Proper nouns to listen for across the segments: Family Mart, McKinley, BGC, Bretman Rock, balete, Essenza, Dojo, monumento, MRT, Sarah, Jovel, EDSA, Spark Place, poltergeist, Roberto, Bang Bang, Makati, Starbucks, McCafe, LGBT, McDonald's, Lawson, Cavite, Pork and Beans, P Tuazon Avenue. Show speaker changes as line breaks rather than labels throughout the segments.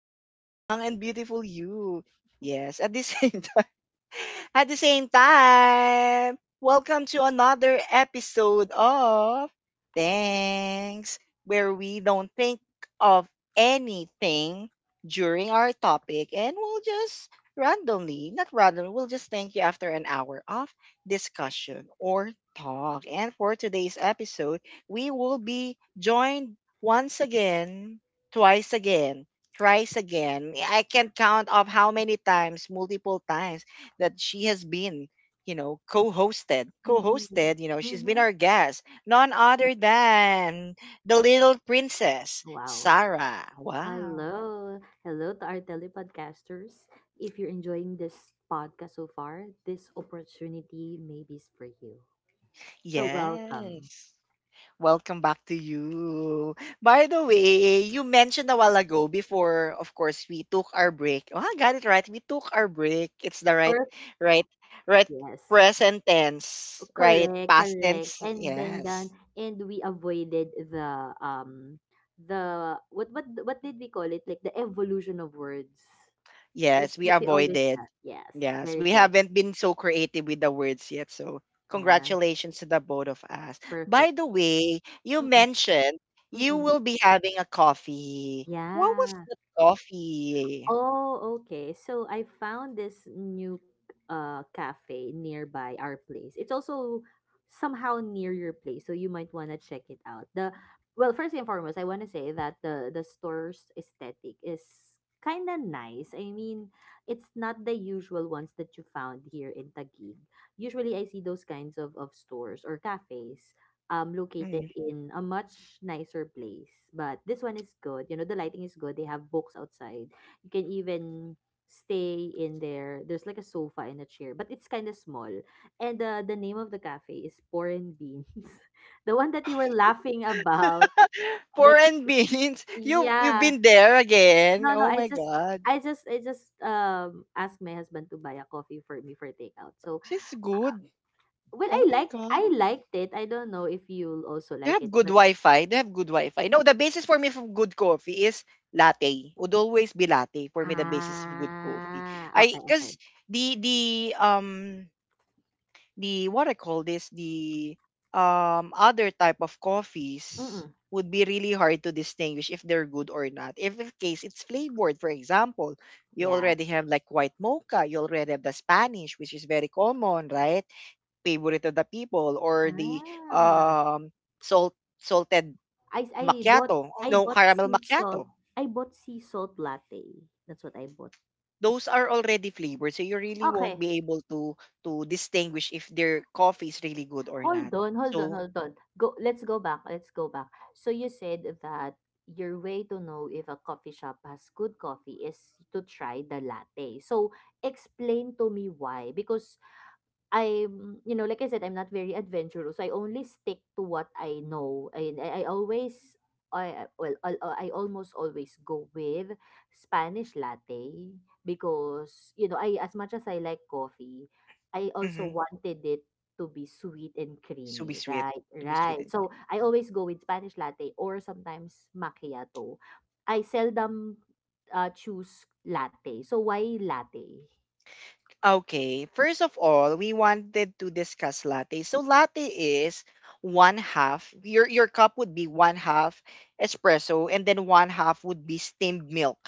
back to the young and beautiful you. Yes, at the same time. At the same time, welcome to another episode of Thanks, where we don't think of anything during our topic and we'll just randomly, not randomly, we'll just thank you after an hour of discussion or talk. And for today's episode, we will be joined once again, twice again, thrice again. I can't count of how many times, multiple times that she has been, co-hosted.
Mm-mm.
Co-hosted, she's been
Mhm.
our guest. None other than the little princess,
Wow.
Sarah. Wow.
Hello. Hello to our telepodcasters. If you're enjoying this podcast so far, this opportunity maybe is for you. So welcome.
Yes. Welcome back to you. By the way, you mentioned a while ago before, of course, we took our break. Oh, I got it right. We took our break. It's the right,
Perfect.
right, right
Yes.
present tense, right?
Correct,
Past
correct.
tense.
And then
Yes.
done and we avoided the the what did we call it? Like the evolution of words. That
Yes, we
that we always
avoided.
have. Yes.
Yes,
Very
we
good.
haven't been so creative with the words yet. So,
Yeah.
congratulations to the both of us. By
Perfect.
the way, you
Mm-mm.
mentioned you
Mm-mm.
will be having a coffee. What was
Yeah.
the coffee?
Oh, okay. So I found this new cafe nearby our place. It's also somehow near your place, so you might want to check it out. The well, first and foremost, I want to say that the store's aesthetic is kind of nice. I mean, it's not the usual ones that you found here in Taguig. Usually I see those kinds of stores or cafes located
Mm.
in a much nicer place. But this one is good. You know, the lighting is good. They have books outside, you can even stay in there. There's like a sofa and a chair, but it's kind of small. And the name of the cafe is Pork and Beans. The one that you were laughing about.
Pork
That
and beans. You've
yeah.
been there again.
No, no,
Oh
I
my
just
god.
I just I just um asked my husband to buy a coffee for me for takeout. So
She's good.
well,
Oh
I
my
liked
god.
I liked it. I don't know if you'll also
They
like
have
it,
good
but
Wi-Fi. They have good Wi-Fi. No, the basis for me for good coffee is latte. Would always be latte for me. The basis of good coffee.
ah,
I
okay, okay.
because the um the what I call this the other type of coffees
Mm-mm.
would be really hard to distinguish if they're good or not. If in case it's flavored, for example, you
Yeah.
already have like white mocha. You already have the Spanish, which is very common, right? Favorite of the people or the
Ah.
um salt salted
I I bought
macchiato, oh,
I
no
bought
caramel
sea salt
macchiato.
I bought sea salt latte. That's what I bought.
Those are already flavored, so you really won't
Okay,
be able to distinguish if their coffee is really good or not.
hold on, hold on,
So,
hold on. Go Let's go back, let's go back. So you said that your way to know if a coffee shop has good coffee is to try the latte. So explain to me why, because I'm, you know, like I said, I'm not very adventurous. So I only stick to what I know. I always, I almost always go with Spanish latte because, you know, I, as much as I like coffee, I also
mhm,
wanted it to be sweet and
so be
creamy,
sweet.
right?
To be sweet.
Right.
And
So I always go with Spanish latte or sometimes macchiato. I seldom choose latte. So why latte?
okay, first of all, we wanted to discuss latte. So latte is one half. Your cup would be one half espresso, and then one half would be steamed milk.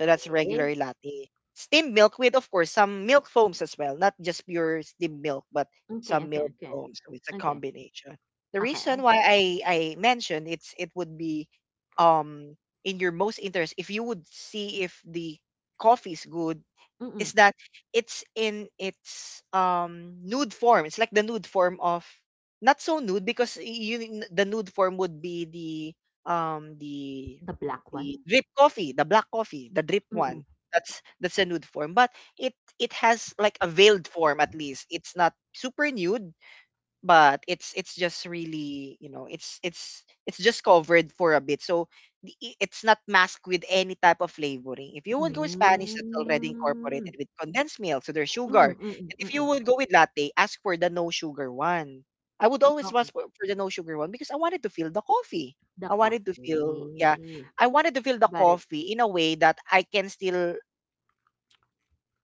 So that's regular latte. Steamed milk with, of course, some milk foams as well, not just pure steamed milk, but
Okay,
some
okay,
milk
okay.
foams. So it's a
Okay,
combination. The
okay.
reason why I mentioned it's it would be um in your most interest if you would see if the coffee is good
Mm,
is that it's in its nude form. It's like the nude form of not so nude because y- you n- the nude form would be
the black
the
one?
drip coffee, the black coffee, the drip
Mm.
one. That's a nude form, but it it has like a veiled form at least. It's not super nude but it's just really it's just covered for a bit so the- I- it's not masked with any type of flavoring. If you would go Spanish, that's already
Hmm,
incorporated with condensed milk, so there's sugar.
mm,
And
mm,
if you
mm.
would go with latte, ask for the no sugar one. I would always
Okay,
ask for the no sugar one because I wanted to feel the coffee.
the
I wanted to feel, yeah,
coffee.
I wanted to feel the
Got it.
coffee in a way that I can still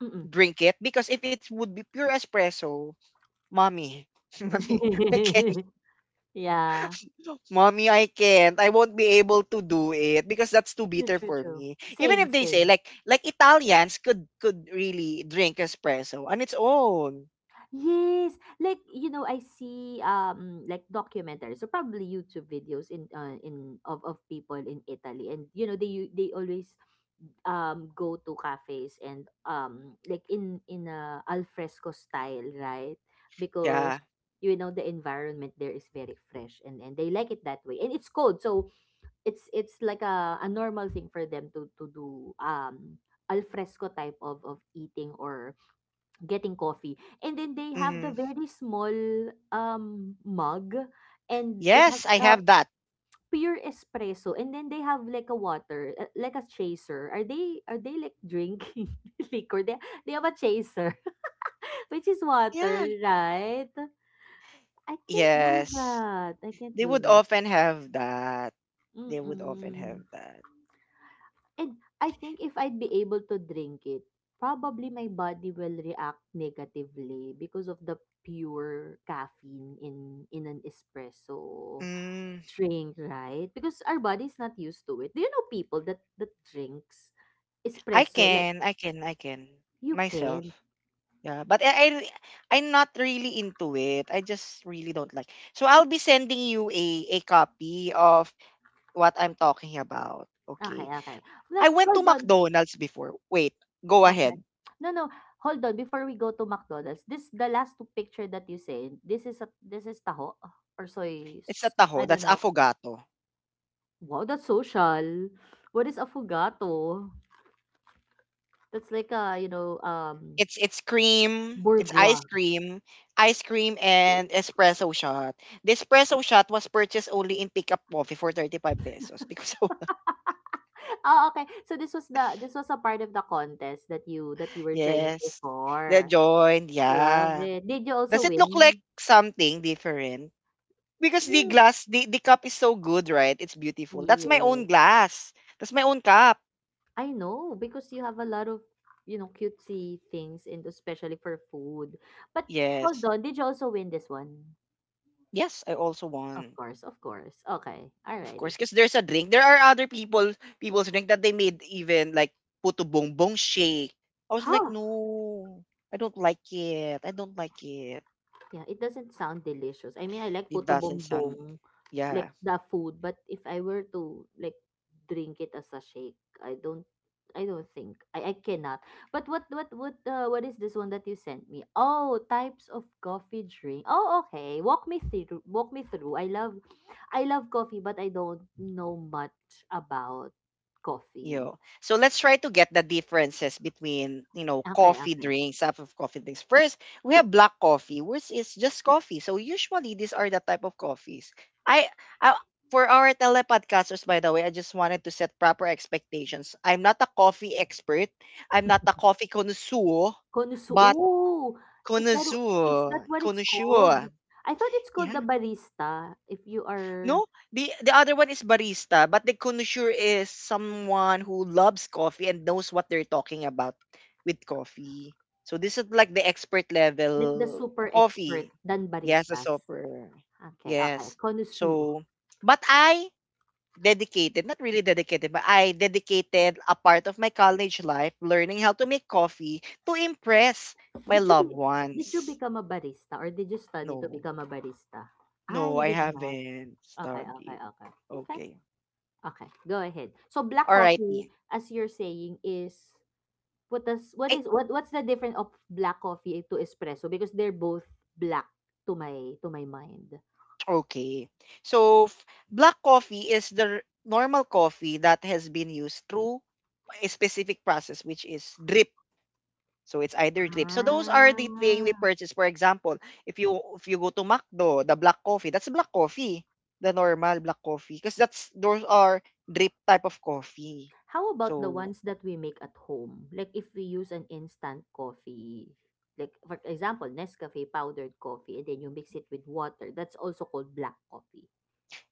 Mm.
drink it, because if it would be pure espresso, mommy, mommy, I can't.
Yeah.
Mommy, I can't. I won't be able to do it because that's too
True,
bitter
true,
for
true.
me. Even
Same,
if they say
same.
like Italians could really drink espresso on its own.
Yes, like, you know, I see like documentaries or probably YouTube videos in of people in Italy, and you know they always go to cafes and like in a al fresco style, right?
Yeah.
Because you know the environment there is very fresh and they like it that way, and it's cold, so it's like a normal thing for them to do al fresco type of eating or getting coffee, and then they have the
Hmm.
very small mug and it has
Yes, I have that.
pure espresso, and then they have like a water, like a chaser. Are they, are they like drinking liquor? They have a chaser which is
Yeah.
water, right? i can't do
Yes.
that i can't
They
do
would
that
often have that. They would often have
Mm-mm.
that.
And I think if I'd be able to drink it, probably my body will react negatively because of the pure caffeine in an espresso
Mm,
drink, right? Because our body's not used to it. Do you know people that that drinks espresso like
I can
you
myself.
can?
Yeah, but I'm not really into it. I just really don't like. So I'll be sending you a copy of what I'm talking about.
Okay,
Okay.
okay. No,
I went to
hold on.
McDonald's before. Wait, go
Okay.
ahead.
No, no. Hold on, before we go to McDonald's. This, the last two picture that you said. This is a, this is taho or soy
It's a
s- I
taho.
don't
That's
know.
affogato.
Wow, that's social. What is affogato? That's like a, you know,
It's cream.
bourgeois.
Ice cream and espresso shot. The espresso shot was purchased only in pickup coffee for 35 pesos because
Oh, okay. So this was the, this was a part of the contest that you, that you were joining
yes, the
before.
joint.
Love
Yeah.
it. Did you also
Does it look like
win?
something different? Because the
Mm,
glass, the cup is so good, right? It's beautiful. That's my own
yes.
glass. That's my own cup.
I know because you have a lot of, you know, cutesy things and especially for food. But hold
Yes.
on, did you also win this one?
Yes, I also
Of
want.
course, of course. Okay.
Of course,
Alrighty.
because there's a drink. There are other people people's drink that they made even like puto bongbong shake. I was like,
Ha!
no, I don't like it.
Yeah, it doesn't sound delicious. I mean, I like
It
puto
doesn't sound.
bombong,
Yeah.
like the food, but if I were to like drink it as a shake, I don't think. I cannot. But what what is this one that you sent me? Oh, types of coffee drink. Oh, okay. Walk me through. I love coffee, but I don't know much about coffee.
Yo. So let's try to get the differences between, you know,
Okay,
coffee
okay.
drinks, type of coffee drinks. First, we have black coffee, which is just coffee. So usually these are the type of coffees. I, I for our telepodcasters, by the way, I just wanted to set proper expectations. I'm not a coffee expert. I'm not a coffee connoisseur,
Konusu,
but
oh, is that, is that
connoisseur,
what it's called?
connoisseur.
I thought it's called
Yeah.
the barista if you are
No, the other one is barista, but the connoisseur is someone who loves coffee and knows what they're talking about with coffee. So this is like the expert
like the
level
super expert
coffee.
than
Yes, a
baristas.
sopper.
Okay, okay,
Yes.
konusu.
So, but I dedicated, not really dedicated, but I dedicated a part of my college life learning how to make coffee to impress my
Did you be,
loved
did you
ones.
become a barista or did you study to
No,
become a barista? Ah,
no,
you
I
did not.
haven't
Okay, okay,
studied.
okay. Okay.
Okay.
Okay, go ahead. So black coffee
Alrighty.
as you're saying is what does, what
Eh,
is what what's the difference of black coffee to espresso, because they're both black to my mind.
okay. So, f- black coffee is the r- normal coffee that has been used through a specific process, which is drip. So it's either drip. So those are the thing we
Ah.
purchase. For example, if you go to McDo, the black coffee, that's black coffee, the normal black coffee, because that's those are drip type of coffee.
How about the
So
ones that we make at home? Like if we use an instant coffee, like for example, Nescafe powdered coffee, and then you mix it with water. That's also called black coffee,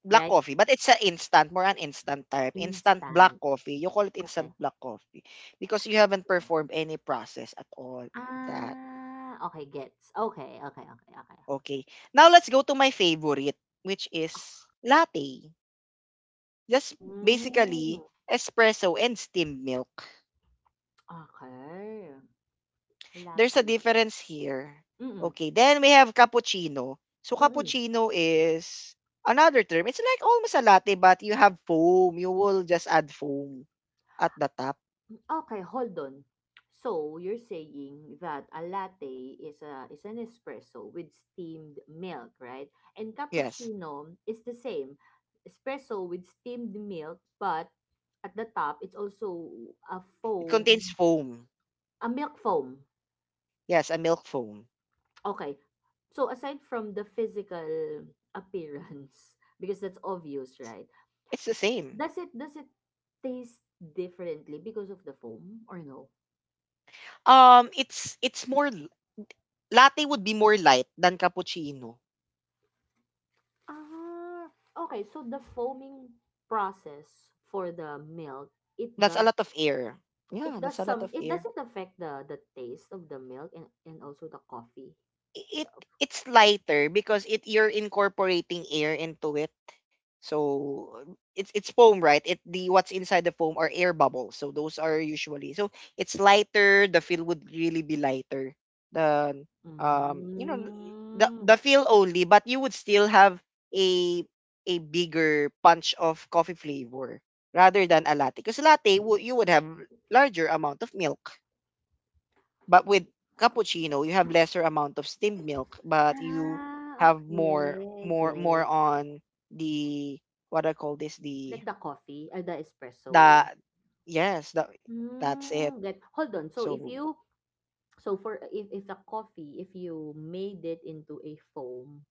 black
right?
coffee, but it's an instant, more an instant type. Instant black
Instant.
coffee. You call it
Okay.
instant black coffee because you haven't
Yeah.
performed any process at all. That.
Ah, okay, gets. Okay, okay, okay, okay.
Okay. Now let's go to my favorite, which is latte. Just basically
Mm,
espresso and steamed milk.
okay.
There's a
Latte.
difference here.
Mm-mm.
Okay. Then we have cappuccino. So
Mm-mm.
cappuccino is another term. It's like almost a latte, but you have foam. You will just add foam at the top.
Okay, hold on. So, you're saying that a latte is a is an espresso with steamed milk, right? And
Yes.
cappuccino is the same. Espresso with steamed milk, but at the top it's also a
It contains
foam,
foam.
a milk foam.
Yes, a milk foam.
Okay. So, aside from the physical appearance because that's obvious, right?
It's the same.
Does it, does it taste differently because of the foam or no?
It's more l- latte would be more light than cappuccino.
Ah, okay. So the foaming process for the milk, it
That's a
does
lot of air.
it
Yeah, that's
does
a lot
some
of
it
air.
doesn't affect the taste of the milk and also the coffee.
I- It it's lighter because it you're incorporating air into it. So it's foam, right? It the what's inside the foam are air bubbles. So those are usually so it's lighter. The feel would really be lighter than um you know
Mm.
the feel only, but you would still have a a bigger punch of coffee flavor rather than a latte. Because latte wo- you would have larger amount of milk. But with cappuccino, you have lesser amount of steamed milk, but you
Ah,
have
okay,
more
get.
on the what I call this
Like the coffee, ah, the espresso.
the yes, that that's it.
Hmm, get. Hold on, so if
So
you so for if the coffee, if you made it into a foam,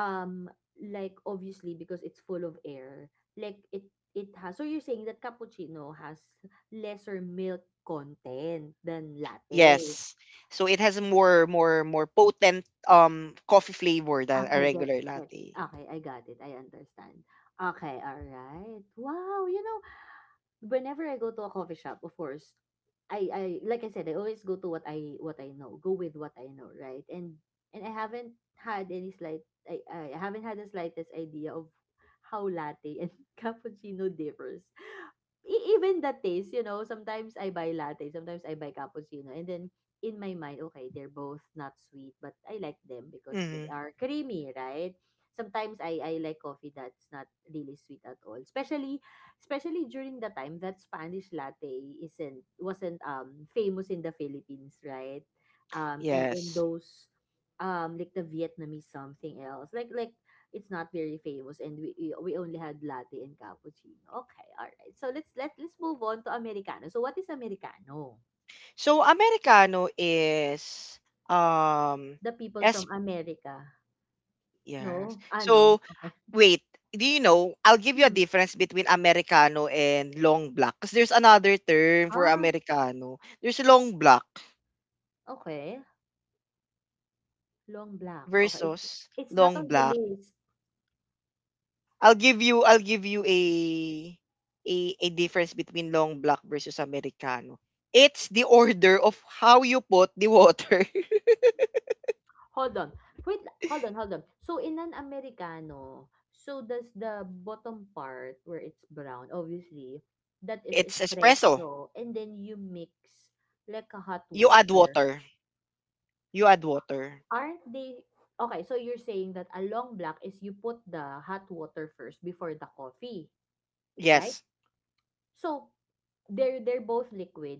um, like obviously because it's full of air, like it has. So you're saying that cappuccino has lesser milk content than latte.
yes. So it has a more potent coffee flavor than a
Okay, get,
regular
get.
latte.
Okay, I got it. I understand. Okay, all right. Wow, you know, whenever I go to a coffee shop, of course, I like I said, I always go to what I know, go with what I know, right? And I haven't had any slight I haven't had the slightest idea of how latte and cappuccino differs. E even the taste, you know, sometimes I buy latte, sometimes I buy cappuccino, and then in my mind, okay, they're both not sweet, but I like them because
Hmm.
they are creamy, right? Sometimes I like coffee that's not really sweet at all. Especially especially during the time that Spanish latte isn't wasn't famous in the Philippines, right? And
Yes.
those like the Vietnamese something else. Like it's not very famous and we only had latte and cappuccino. Okay, all right. So let's let's move on to americano. So what is americano?
So americano is um
The people
es
from America.
yes.
No? Ah, no.
So
Okay.
wait, do you know, I'll give you a
Mm.
difference between Americano and long black. Because there's another term for
Ah,
Americano. There's long black
okay. Long black. Okay.
versus
It's not
long
on the
black.
list.
I'll give you a difference between long black versus Americano. It's the order of how you put the water.
Hold on. Wait, hold on, hold on. So in an americano, so does the bottom part where it's brown, obviously, that is
It's espresso.
espresso and then you mix like a hot
You add
water.
water. You add water.
Aren't they okay, so you're saying that a long black is you put the hot water first before the coffee, right?
Yes.
So they're both liquid.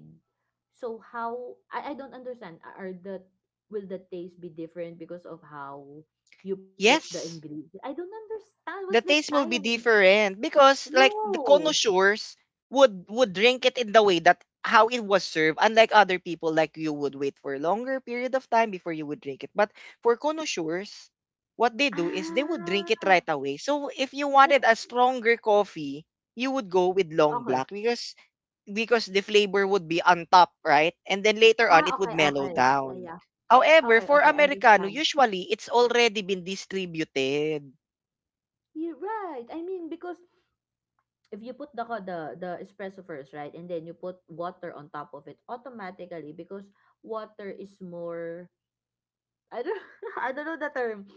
So how I don't understand. Are the will the taste be different because of how you put the
Yes.
ingredient? I don't understand. What's
The
the
taste will be
science?
different because like the
No.
connoisseurs would drink it in the way that how it was served, unlike other people like you would wait for a longer period of time before you would drink it. But for connoisseurs, what they do is they would drink
Ah,
it right away. So if you
like
wanted a stronger coffee, you would go with
okay.
long black because the flavor would be on top, right? And then later
Ah,
on it
okay,
would
okay.
mellow
Yeah, yeah.
down.
Okay,
However,
okay,
for americano
understand.
usually it's already been distributed.
You're right. I mean, because if you put the the espresso first, right, and then you put water on top of it automatically because water is more I don't I don't know the term.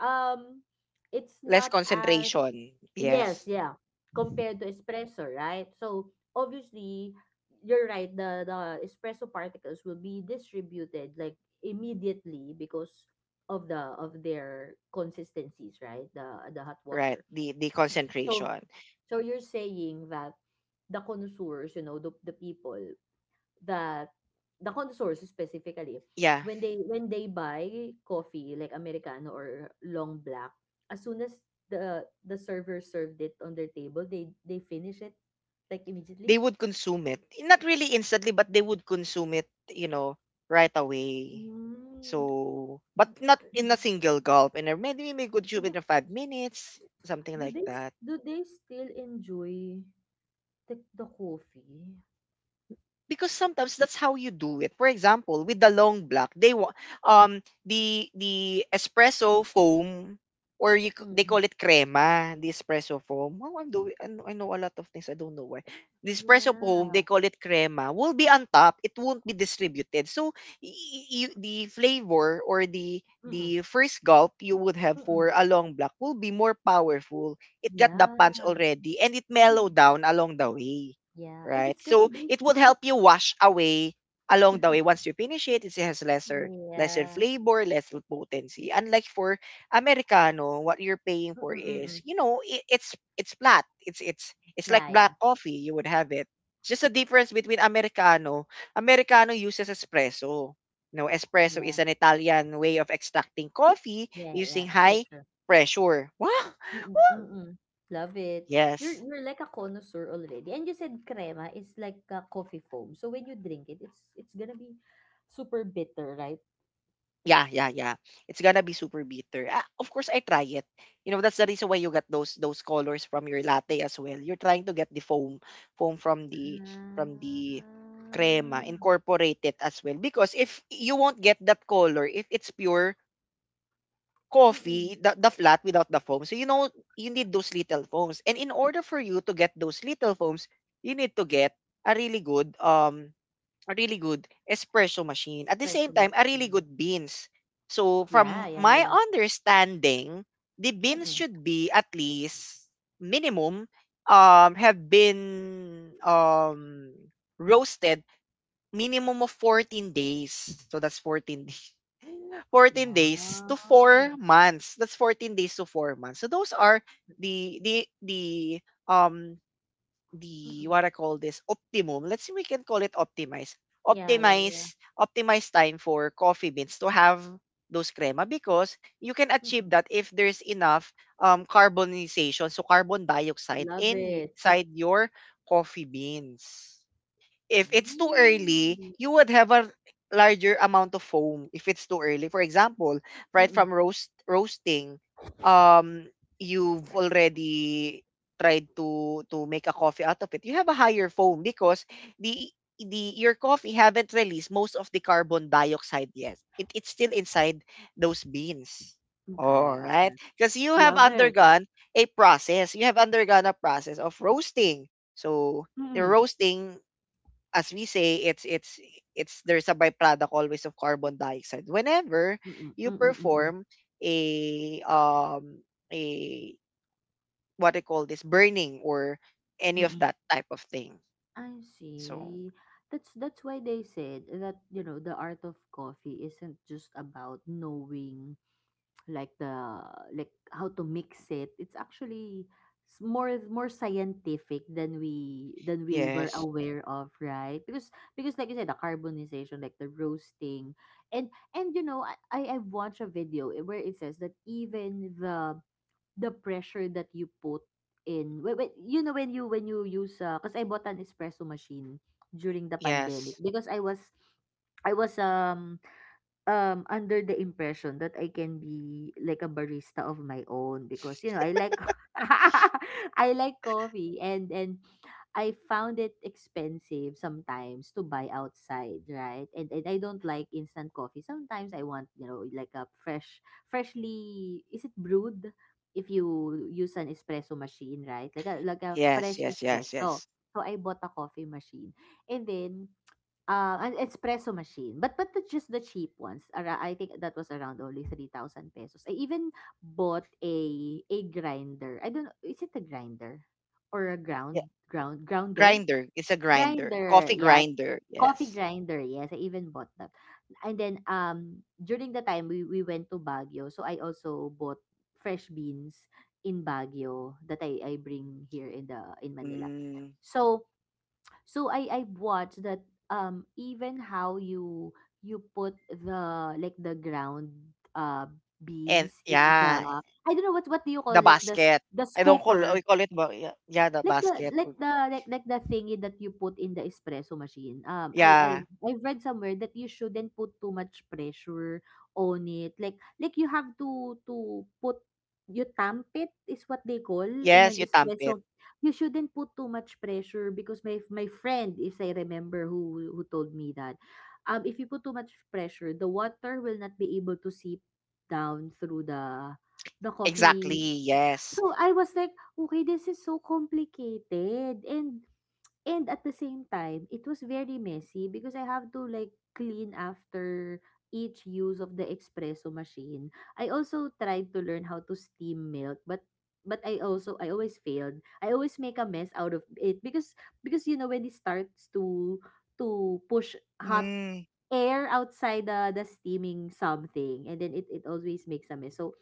Um it's
Less
not as
concentration.
yes,
Yes,
yeah, compared to espresso, right? So obviously you're right, the espresso particles will be distributed like immediately because of the of their consistencies, right? The hot
right.
water.
The
So
concentration.
so you're saying that the connoisseurs, you know, the people that the connoisseurs specifically,
Yeah,
when they buy coffee like Americano or long black, as soon as the server served it on their table, they finish it like immediately.
they would consume it. Not really instantly, but they would consume it. You know, right away.
Mm.
So, but not
Do,
in a single gulp. And maybe we could
do
consume
they
it in 5 minutes, something
do
like
they
that.
do they still enjoy the coffee?
Because sometimes that's how you do it. For example, with the long black, they wa- the espresso foam or you, c- they call
Mm.
it crema, the espresso foam. Oh, I'm doing I know a lot of things. I don't know why. The espresso foam, they
Yeah.
call it crema, will be on top. It won't be distributed. So y- y- you, the flavor or
Mm-mm.
the first gulp you would have
Mm-mm.
for a long black will be more powerful. It got the
Yeah.
punch already and it mellowed down along the way,
Yeah. And
right?
it's gonna
So
be
it would help you wash away along the way. Once you finish it, it has lesser
Yeah.
flavor, lesser potency. Unlike for Americano, what you're paying
Mm,
for
mm,
is,
mm.
you know, it's flat. It's like
Yeah,
black
yeah.
coffee. You would have it. It's just a difference between Americano. Americano uses espresso. No, espresso
Yeah.
is an Italian way of extracting coffee
Yeah, yeah.
using
True,
high
true.
pressure. Wow.
Mm, mm, mm. Love it.
Yes.
You're like a connoisseur already. And you said crema is like a coffee foam. So when you drink it, it's gonna be super bitter, right?
Yeah, yeah, yeah, it's gonna be super bitter. Ah, of course, I try it. You know, that's the reason why you got those colors from your latte as well. You're trying to get the foam from the
Ah.
crema, incorporate it as well. Because if you won't get that color, if it's pure
Mm-mm.
coffee, the flat without the foam. So you know you need those little foams. And in order for you to get those little foams, you need to get a really good um a really good espresso machine. At the
Espresso
same time, a really
machine.
good beans. So
Yeah,
from
yeah,
my
yeah.
understanding, the beans
Mm-mm.
should be at least minimum, have been roasted minimum of 14 days. So that's 14 days. 14 days to 4
Wow.
months. That's 14 days to 4 months. So those are the the the um the
Mm-mm.
what I call this optimum. Let's see, we can call it optimize.
Yeah, yeah, yeah.
Optimize time for coffee beans to have those crema because you can achieve
Mm-mm.
that if there's enough carbonization, so carbon dioxide
Love it.
inside your coffee beans. If it's too early,
Mm.
you would have a larger amount of foam if it's too early. For example, right
Mm-mm.
from roasting, um, you've already tried to make a coffee out of it. You have a higher foam because the the your coffee haven't released most of the carbon dioxide yet. It's still inside those beans. All
Okay,
right, because you have
love it.
undergone a process. You have undergone a process of roasting. So the
Mm.
roasting, as we say, it's there's a byproduct always of carbon dioxide. Whenever
Mm,
you
mm, mm,
perform a a what I call this burning or any of
mm.
that type of thing.
I
So
see. That's why they said that the art of coffee isn't just about knowing like the like how to mix it. It's actually more scientific than we were
yes,
aware of, right? Because like you said, the carbonization, like the roasting, and I watched a video where it says that even the pressure that you put in when when you use cause I bought an espresso machine during the pandemic
yes,
because I was under the impression that I can be like a barista of my own because I like I like coffee and I found it expensive sometimes to buy outside, right? And I don't like instant coffee. Sometimes I want, like a freshly is it brewed if you use an espresso machine, right? Like a
yes,
fresh
yes, yes,
espresso.
yes.
So I bought a coffee machine. And then An espresso machine. But just the cheap ones. I think that was around only 3,000 pesos. I even bought a grinder. I don't know. Is it a grinder? Or a
Yeah,
grounder?
grinder. It's a grinder,
Grinder.
coffee
Yeah.
grinder.
Coffee
Yes.
grinder. Yes, I even bought that. And then during the time we went to Baguio, so I also bought fresh beans in Baguio that I bring here in the in Manila.
Mm.
So so I watched that even how you you put the like the ground uh
And
beans in the
yeah,
I don't know what do you call
the
like the
basket.
the
I don't call
scooper,
we call it ba- Yeah, yeah, the
like the
basket.
like the like the thingy that you put in the espresso machine.
Yeah.
I've read somewhere that you shouldn't put too much pressure on it. Like you have to put, you tamp it is what they call in an
Yes, you tamp it.
espresso. You shouldn't put too much pressure because my friend, if I remember who told me that, if you put too much pressure, the water will not be able to seep down through the
Exactly,
coffee.
yes.
So, I was like, "Okay, this is so complicated." And at the same time, it was very messy because I have to like clean after each use of the espresso machine. I also tried to learn how to steam milk, but I also I always failed. I always make a mess out of it because when it starts to push hot
Mm,
air outside the steaming something and then it always makes a mess so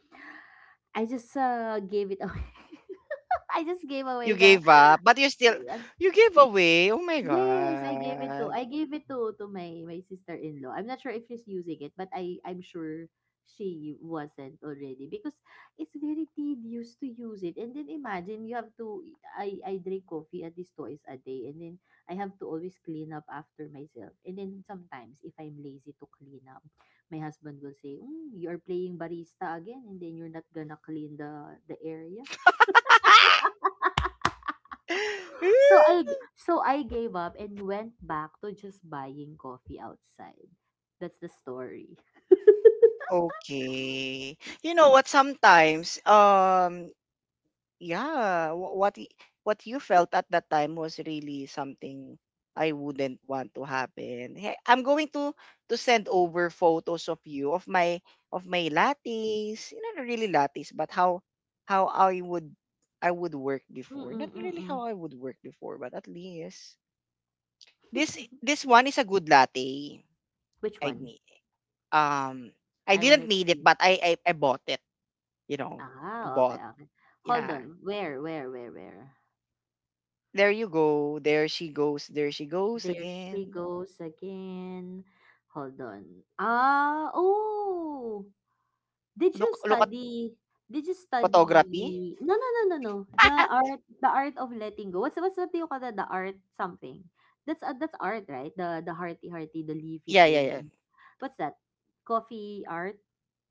I just gave it away. I just gave
you
away the
gave up, but you still
yeah.
you gave away. Oh my
Yes,
god.
I gave it to my my sister-in-law. I'm not sure if she's using it, but I'm sure she wasn't already because it's very tedious to use it. And then imagine you have to, I drink coffee at least twice a day, and then I have to always clean up after myself. And then sometimes if I'm lazy to clean up, my husband will say, "You're playing barista again, and then you're not gonna clean the area." So I gave up and went back to just buying coffee outside. That's the story.
Okay. You know what, sometimes yeah, what you felt at that time was really something I wouldn't want to happen. Hey, I'm going to send over photos of you, of my lattes, you know, not really lattes, but how I would work before.
Mm-mm,
Not really
mm-mm.
how I would work before, but at least this this one is a good latte.
Which
I
one?
mean, um, I
I want
didn't
to
need it,
see.
but I bought it. You know,
Ah, okay,
bought.
okay. Hold
Yeah.
on. Where?
There you go. There she goes. There she goes
There she
again.
goes again. Hold on. Ah, oh. Did you
Look, look at
study did you
photography.
study no, no, no, no, no, the art of letting go. What's what do you call that? The art something. That's art, right? The hearty, the leafy
Yeah, yeah, yeah.
thing. What's that? Coffee art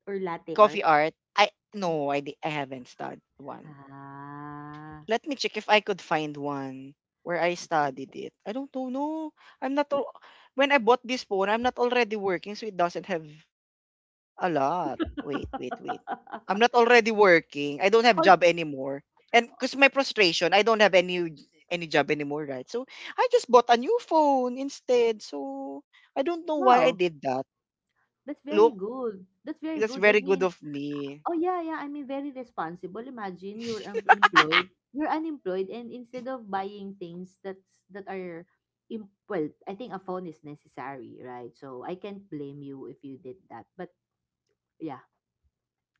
or latte
Coffee
art?
art. I no, I di- I haven't studied one.
Ah,
Let me check if I could find one where I
okay.
studied it. I don't know. No, I'm not. When I bought this phone, I'm not already working, so it doesn't have. A lot. Wait, wait, wait. I'm not already working. I don't have
Hold
job anymore. And because my frustration, I don't have any job anymore, right? So I just bought a new phone instead. So I don't know why I
Wow,
did that.
that's very
Look,
good. That's very
that's
good. I
very good
mean,
of me.
oh, yeah, yeah. I mean, very responsible. Imagine you're employed. You're unemployed, and instead of buying things that's that are, im- well, I think a phone is necessary, right? So I can't blame you if you did that. But yeah,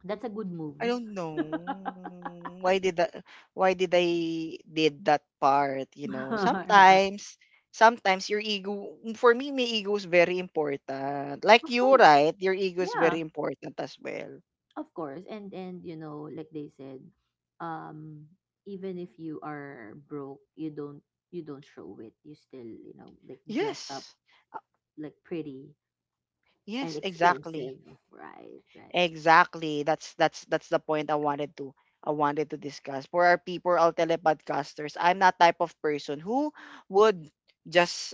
that's a good
I
move.
don't know
Of
why did that why did I did that part, you know. Sometimes your ego, for me my ego is very important. Like you,
course,
right? Your ego is
yeah,
very important as well.
of course. And like they said, um, even if you are broke, you don't show it. You still like dress up
Yes. Uh,
like pretty. And
Yes, exactly.
expensive. Right, right.
Exactly. That's the point I wanted to discuss. For our people, our telepodcasters, I'm not type of person who would just,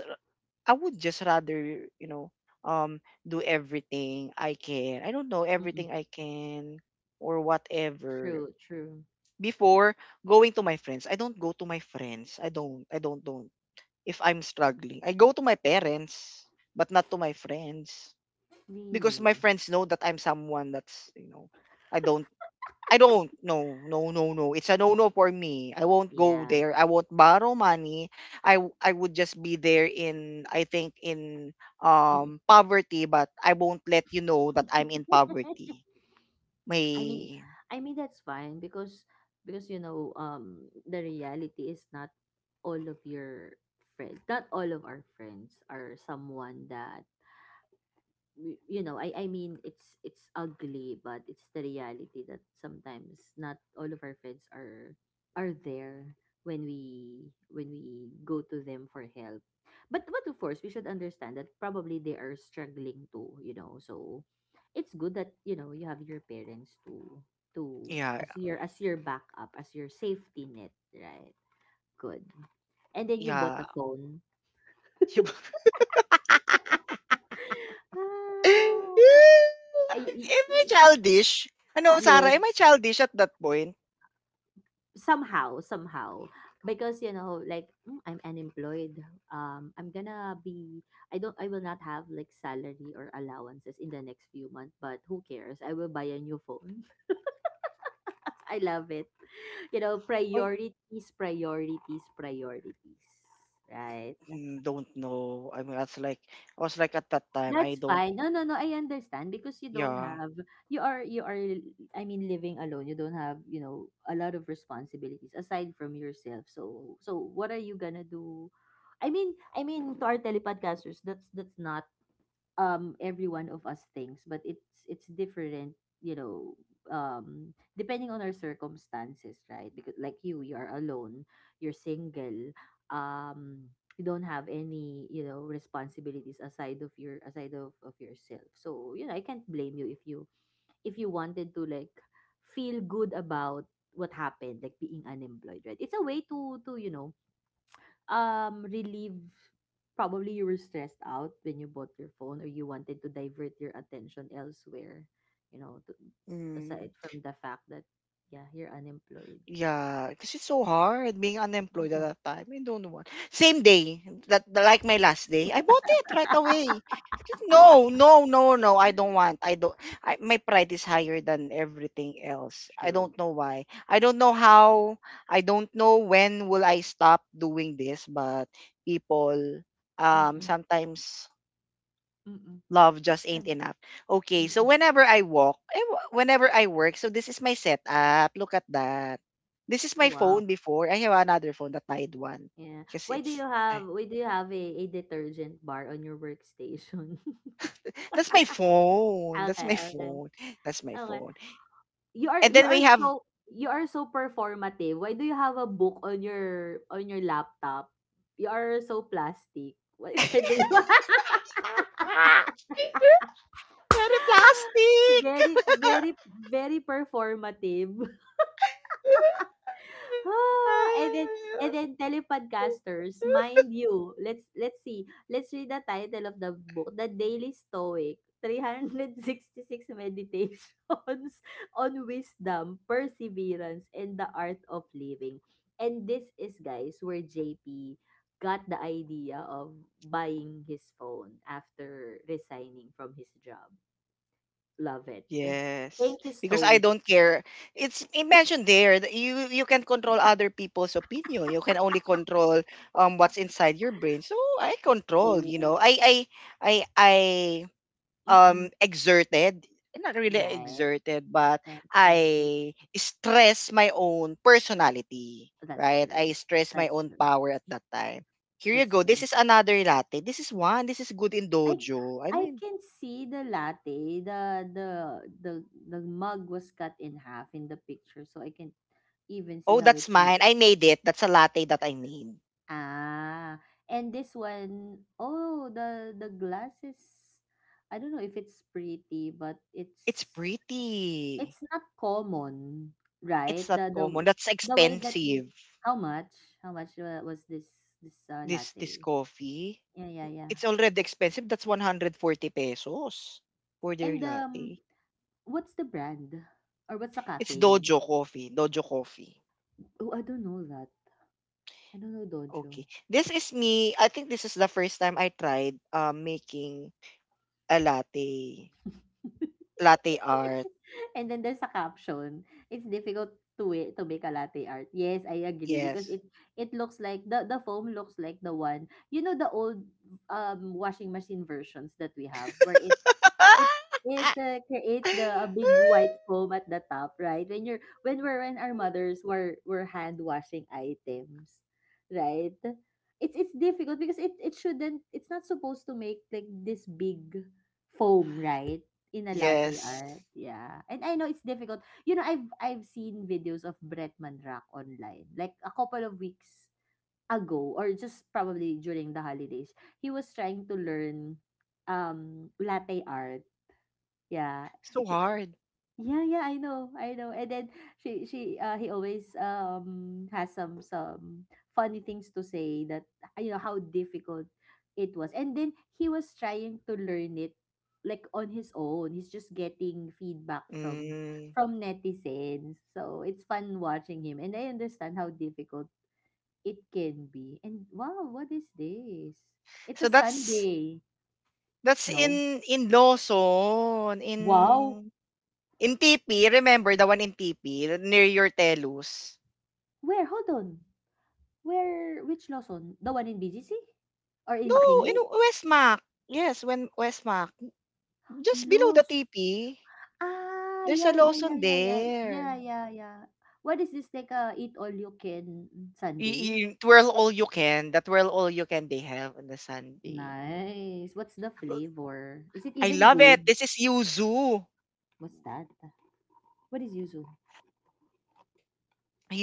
I would just rather, you know, um do everything I can. I don't know,
Mm.
everything I can or whatever.
True, true.
Before going to my friends, I don't go to my friends. I don't. If I'm struggling, I go to my parents, but not to my friends, because my
Really?
friends know that I'm someone that's, you know, I don't I don't no no no no, it's a no no for me. I won't go
Yeah.
there. I won't borrow money. I would just be there in, I think in
Mm.
poverty, but I won't let you know that I'm in poverty.
I mean,
May
I mean that's fine because the reality is not all of your friends, not all of our friends are someone that I mean it's ugly but it's the reality that sometimes not all of our friends are there when we go to them for help, but of course we should understand that probably they are struggling too, so it's good that you have your parents to,
yeah,
as your backup, as your safety net, right? Good. And then you bought
yeah.
a phone. Ah,
Am I
so,
childish, ano
yes,
Sarah? Am I childish at that point?
somehow somehow because like I'm unemployed, I'm gonna be, I don't, I will not have like salary or allowances in the next few months, but who cares, I will buy a new phone. I love it.
I
Priorities, priorities, priorities, right?
Hmm, don't know. I was like at that time I
That's
don't.
fine. No, no, no, I understand because you don't
Yeah.
have, you are you are, I mean, living alone. You don't have, a lot of responsibilities aside from yourself. So so what are you gonna do? I mean to our telepodcasters, that's not every one of us thinks, but it's different, you know depending on our circumstances, right? Because like you are alone, you're single, um you don't have any responsibilities aside of your, aside of yourself, so I can't blame you if you, if you wanted to like feel good about what happened, like being unemployed, right? It's a way to relieve, probably you were stressed out when you bought your phone or you wanted to divert your attention elsewhere, to, aside
Mm.
from the fact that yeah you're unemployed
Yeah, because it's so hard being unemployed at
you
that time. I don't want. Same day, that like my last day, I bought it right away. Just, no, no, no, no. I don't want. I don't. I, my pride is higher than everything else. I
true.
don't know why. I don't know how. I don't know when will I stop doing this. But people,
Mm-mm,
sometimes
mm-mm.
love
That's
just ain't
fine.
enough. Okay, so
Mm-mm.
whenever I walk, I wa- whenever I work, so this is my setup. Look at that. This is my
Wow.
phone before. I have another phone, the Tide one.
Yeah,
Because
why do you
it's,
have,
I-
why do you have a detergent bar on your workstation?
that's my phone. That's
Okay,
my
okay,
phone. That's my
okay.
phone. And
You
then
are
we have,
so, you are so performative. Why do you have a book on your laptop? You are so plastic. Why why do you?
very plastic.
Very, very, very performative. Ah, and then and then, telepodcasters, mind you, let's see. Let's read the title of the book, The Daily Stoic. 366 meditations on wisdom, perseverance, and the art of living. And this is guys where JP got the idea of buying his phone after resigning from his job. Love it.
Yes,
Thank you,
because I
Stoic.
don't care. It's imagine there that you can control other people's opinion. You can only control what's inside your brain. So I control, you
Oh,
know. I
mm-mm.
exerted, not really
Right.
exerted, but
Right, right, right.
I stress my own personality,
That's
right? I
true.
stress my
That's
own
true.
power at that time. Here you
That's
go. This
true.
is another latte. This is one. This is good in
I
dojo. I
I
mean,
can see the latte. The the mug was cut in half in the picture, so I can even see
oh,
how it
that's mine. I
looks.
made it. That's a latte that I made.
Ah, and this one, oh, the glass is, I don't know if it's pretty, but
It's pretty.
it's not common,
It's
right?
not common. That's
The way that we,
expensive.
how much, how much was this this
This
latte?
coffee.
Yeah, yeah, yeah.
It's already expensive. That's 140 pesos for their
And,
latte.
what's the brand or what's the
It's
cafe name?
Dojo coffee. Dojo coffee.
Oh, I don't know that. I don't know Dojo.
Okay. This is me. I think this is the first time I tried making a latte. Latte art.
And then there's a caption, "It's difficult to it to make a latte art." Yes, I agree because
Yes.
it looks like the foam looks like the one, the old washing machine versions that we have where it it creates the a big white foam at the top, right? When you're when we're when our mothers were hand washing items, right? It's difficult because it shouldn't, it's not supposed to make like this big foam, right? In a latte
Yes.
art, yeah. And I know it's difficult. You know, I've seen videos of Bretman Rock online, like a couple of weeks ago, or just probably during the holidays. He was trying to learn latte art, yeah.
So
He-
hard.
yeah, yeah, I know. I know. And then she he always has some funny things to say that, you know, how difficult it was. And then he was trying to learn it like on his own. He's just getting feedback
Mm.
from netizens. So it's fun watching him and I understand how difficult it can be. And wow, what is this? It's
So
a Sunday.
that's
No.
in Lawson,
Wow.
in TP. Remember the one in TP near your Telus?
Where? Hold on. Where, which Lawson? The one in BGC? Or in
No, in
McKinley?
Westmac. Yes, when Westmac. Just below the
Lowe's.
TP,
Ah,
there's a
yeah, yeah, yeah,
Lawson
yeah, yeah.
there.
Yeah, yeah, yeah. What is this, like a eat all you can sundae?
Twirl all you can. The twirl all you can they have on the Sunday.
Nice. What's the
Uh,
flavor? Is it
I
even
love it.
good?
This is Yuzu.
What's that? What is yuzu?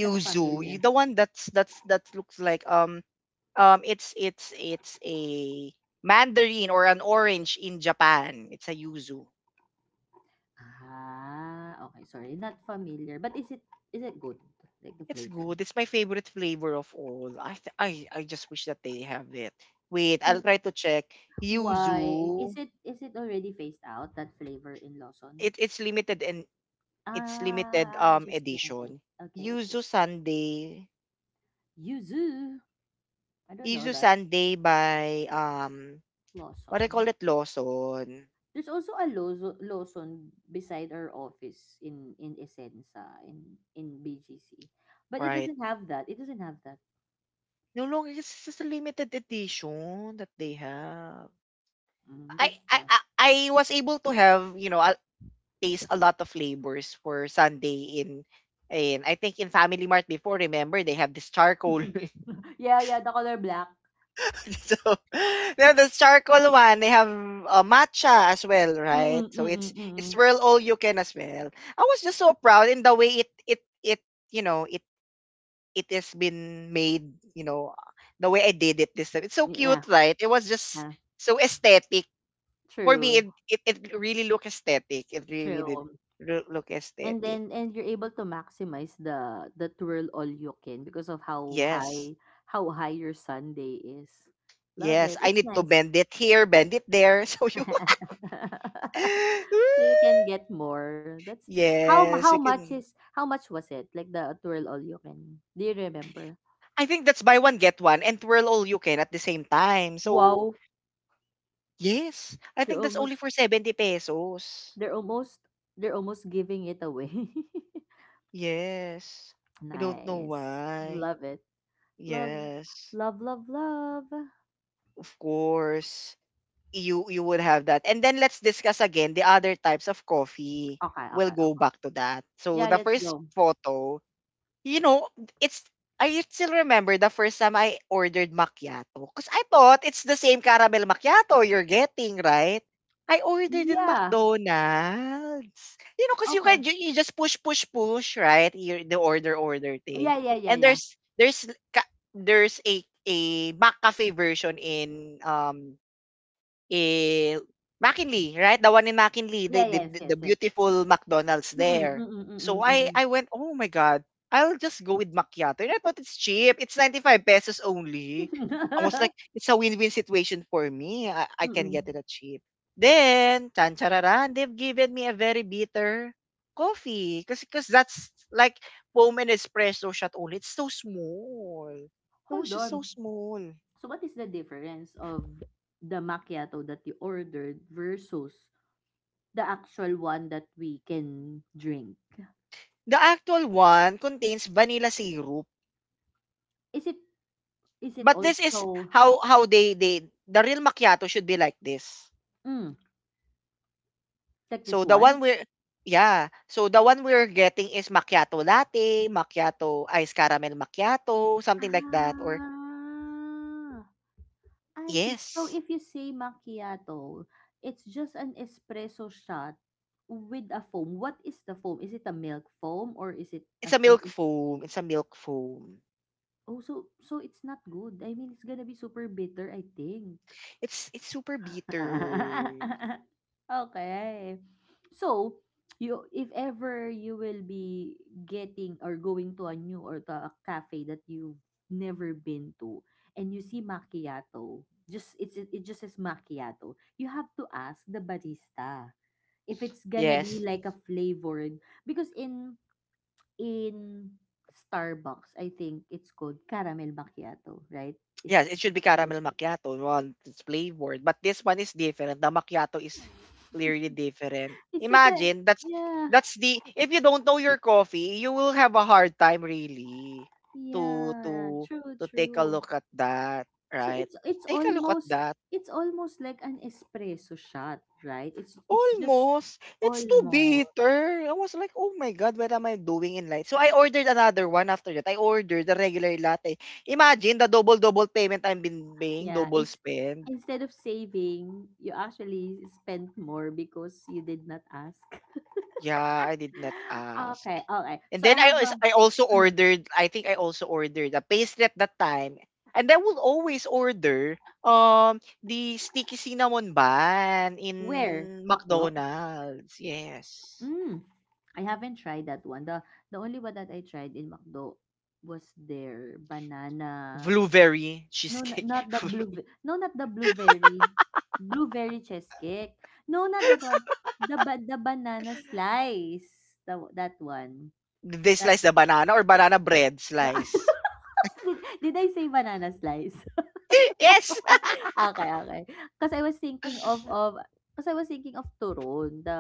Not familiar.
the one that's that looks like it's a mandarin or an orange in Japan. It's a yuzu.
Ah, okay, sorry. Not familiar. But is it good? Like the
It's
flavor?
good. It's my favorite flavor of all. I just wish that they have it. Wait,
W-
I'll try to check
Why?
yuzu.
Is it already phased out that flavor in
It
Lawson?
it's limited and it's limited
Ah, just limited.
edition.
Okay, okay.
Yuzu Sunday.
Yuzu. I don't
Yuzu
know that.
Sunday by
Lawson.
what do I call it, Lawson,
There's also a Lawson beside our office in Essenza in BGC, but it
right?
doesn't have that. It doesn't have that.
No longer, it's just a limited edition that they have.
Mm,
I
that's
I
why.
I I was able to have, you know, taste a lot of flavors for Sunday in, I think in Family Mart before. Remember they have this charcoal,
Yeah, yeah. The color black.
so they have this charcoal one. They have a matcha as well,
Mm-mm,
right? So
mm-mm,
it's
mm-mm.
swirl all you can as well. I was just so proud in the way it you know it, it has been made, you know, the way I did it this time. It's so
Yeah,
cute, right? It was just
yeah.
so aesthetic. For me,
True,
it really looked aesthetic. It really did
true.
look
And
aesthetic.
then and you're able to maximize the twirl all you can because of
Yes.
how high your Sunday is. Love
Yes.
it.
I
It's
need to
nice.
bend it here, bend it there. So you
So you can get more. That's
yes, you can.
how much was it? Like the twirl all you can. Do you remember?
I think that's buy one get one and twirl all you can at the same time. So
Wow,
yes, I
they're
think that's only
almost
for 70 pesos.
they're almost they're almost giving it away.
Yes. I don't know
Nice.
why.
Love it. Love
Yes,
love love.
of course. You would have that. And then let's discuss again the other types of coffee.
Okay,
We'll
okay,
go
okay.
back to that. So
Yeah,
the
let's
first
go.
photo, you know, it's, I still remember the first time I ordered macchiato because I thought it's the same caramel macchiato you're getting, right? I ordered in
Yeah.
McDonald's. You know, because you can
Okay.
you just push, push, push, right? You, the order, order thing.
Yeah, yeah, yeah,
And
yeah.
there's a McCafe version in Eh, McKinley, right? The one in McKinley, the
Yeah,
the
yes,
the
yes,
the
yes.
beautiful McDonald's
Mm-mm,
there.
mm-mm, mm-mm,
So
mm-mm.
I went, "Oh my god, I'll just go with macchiato." And I thought it's cheap. It's 95 pesos only. I was like, it's a win-win situation for me. I can
Mm-mm.
get it at cheap. Then, Tanchararan, they've given me a very bitter coffee. Because 'cause that's like foam and espresso shot only. It's so small. It was
Hold
just
on.
so small.
So what is the difference of the macchiato that you ordered versus the actual one that we can drink?
The actual one contains vanilla syrup.
Is it is it
But this is
also
how they the real macchiato should be like this.
mm, like this
So the one
one?
we're yeah, so the one we're getting is macchiato latte, macchiato ice caramel macchiato, something like that or
Ah. I see. So
yes.
if you say macchiato, it's just an espresso shot with a foam. What is the foam? Is it a milk foam or is it
It's
as
a
an
milk foam. It's a milk foam.
Oh, so so it's not good. I mean, it's gonna be super bitter, I think.
It's super bitter.
Okay. So, you if ever you will be getting or going to a new or to a cafe that you've never been to and you see macchiato, just it's it it just says macchiato. You have to ask the barista if it's gonna be
Yes.
like a flavored because in Starbucks, I think it's called caramel macchiato, right? Is
Yes, it should be
the
caramel
flavor.
macchiato, one it's flavored, but this one is different. The macchiato is clearly different.
It's like a
Imagine
yeah.
that's the if you don't know your coffee, you will have a hard time really to
Yeah,
to
true,
to take a
true.
look at that,
So
right? Take a look at that.
it's almost like an espresso shot, right? It's just
Almost, it's too
almost.
bitter. I was like, oh my god, what am I doing in life? So I ordered another one after that. I ordered the regular latte. Imagine the double double payment I've been paying,
Yeah,
double
it's
spend.
instead of saving, you actually spent more because you did not ask.
Yeah, I did not ask.
Okay, okay.
And
So I
then I
have
als- I also
a uh,
ordered, I think I also ordered a pastry at that time. And I will always order the sticky cinnamon bun
where
in
McDo.
McDonald's. Yes.
Mm, I haven't tried that one. The only one that I tried in McDo was their banana
Blueberry cheesecake.
Not the blue no, not the blueberry. Blueberry cheesecake. No, not that one. The ba the banana slice. The that one.
Did they
That
slice the banana or banana bread
no,
slice.
did I say banana slice?
Yes.
Okay, okay. because I was thinking of because I was thinking of turon, the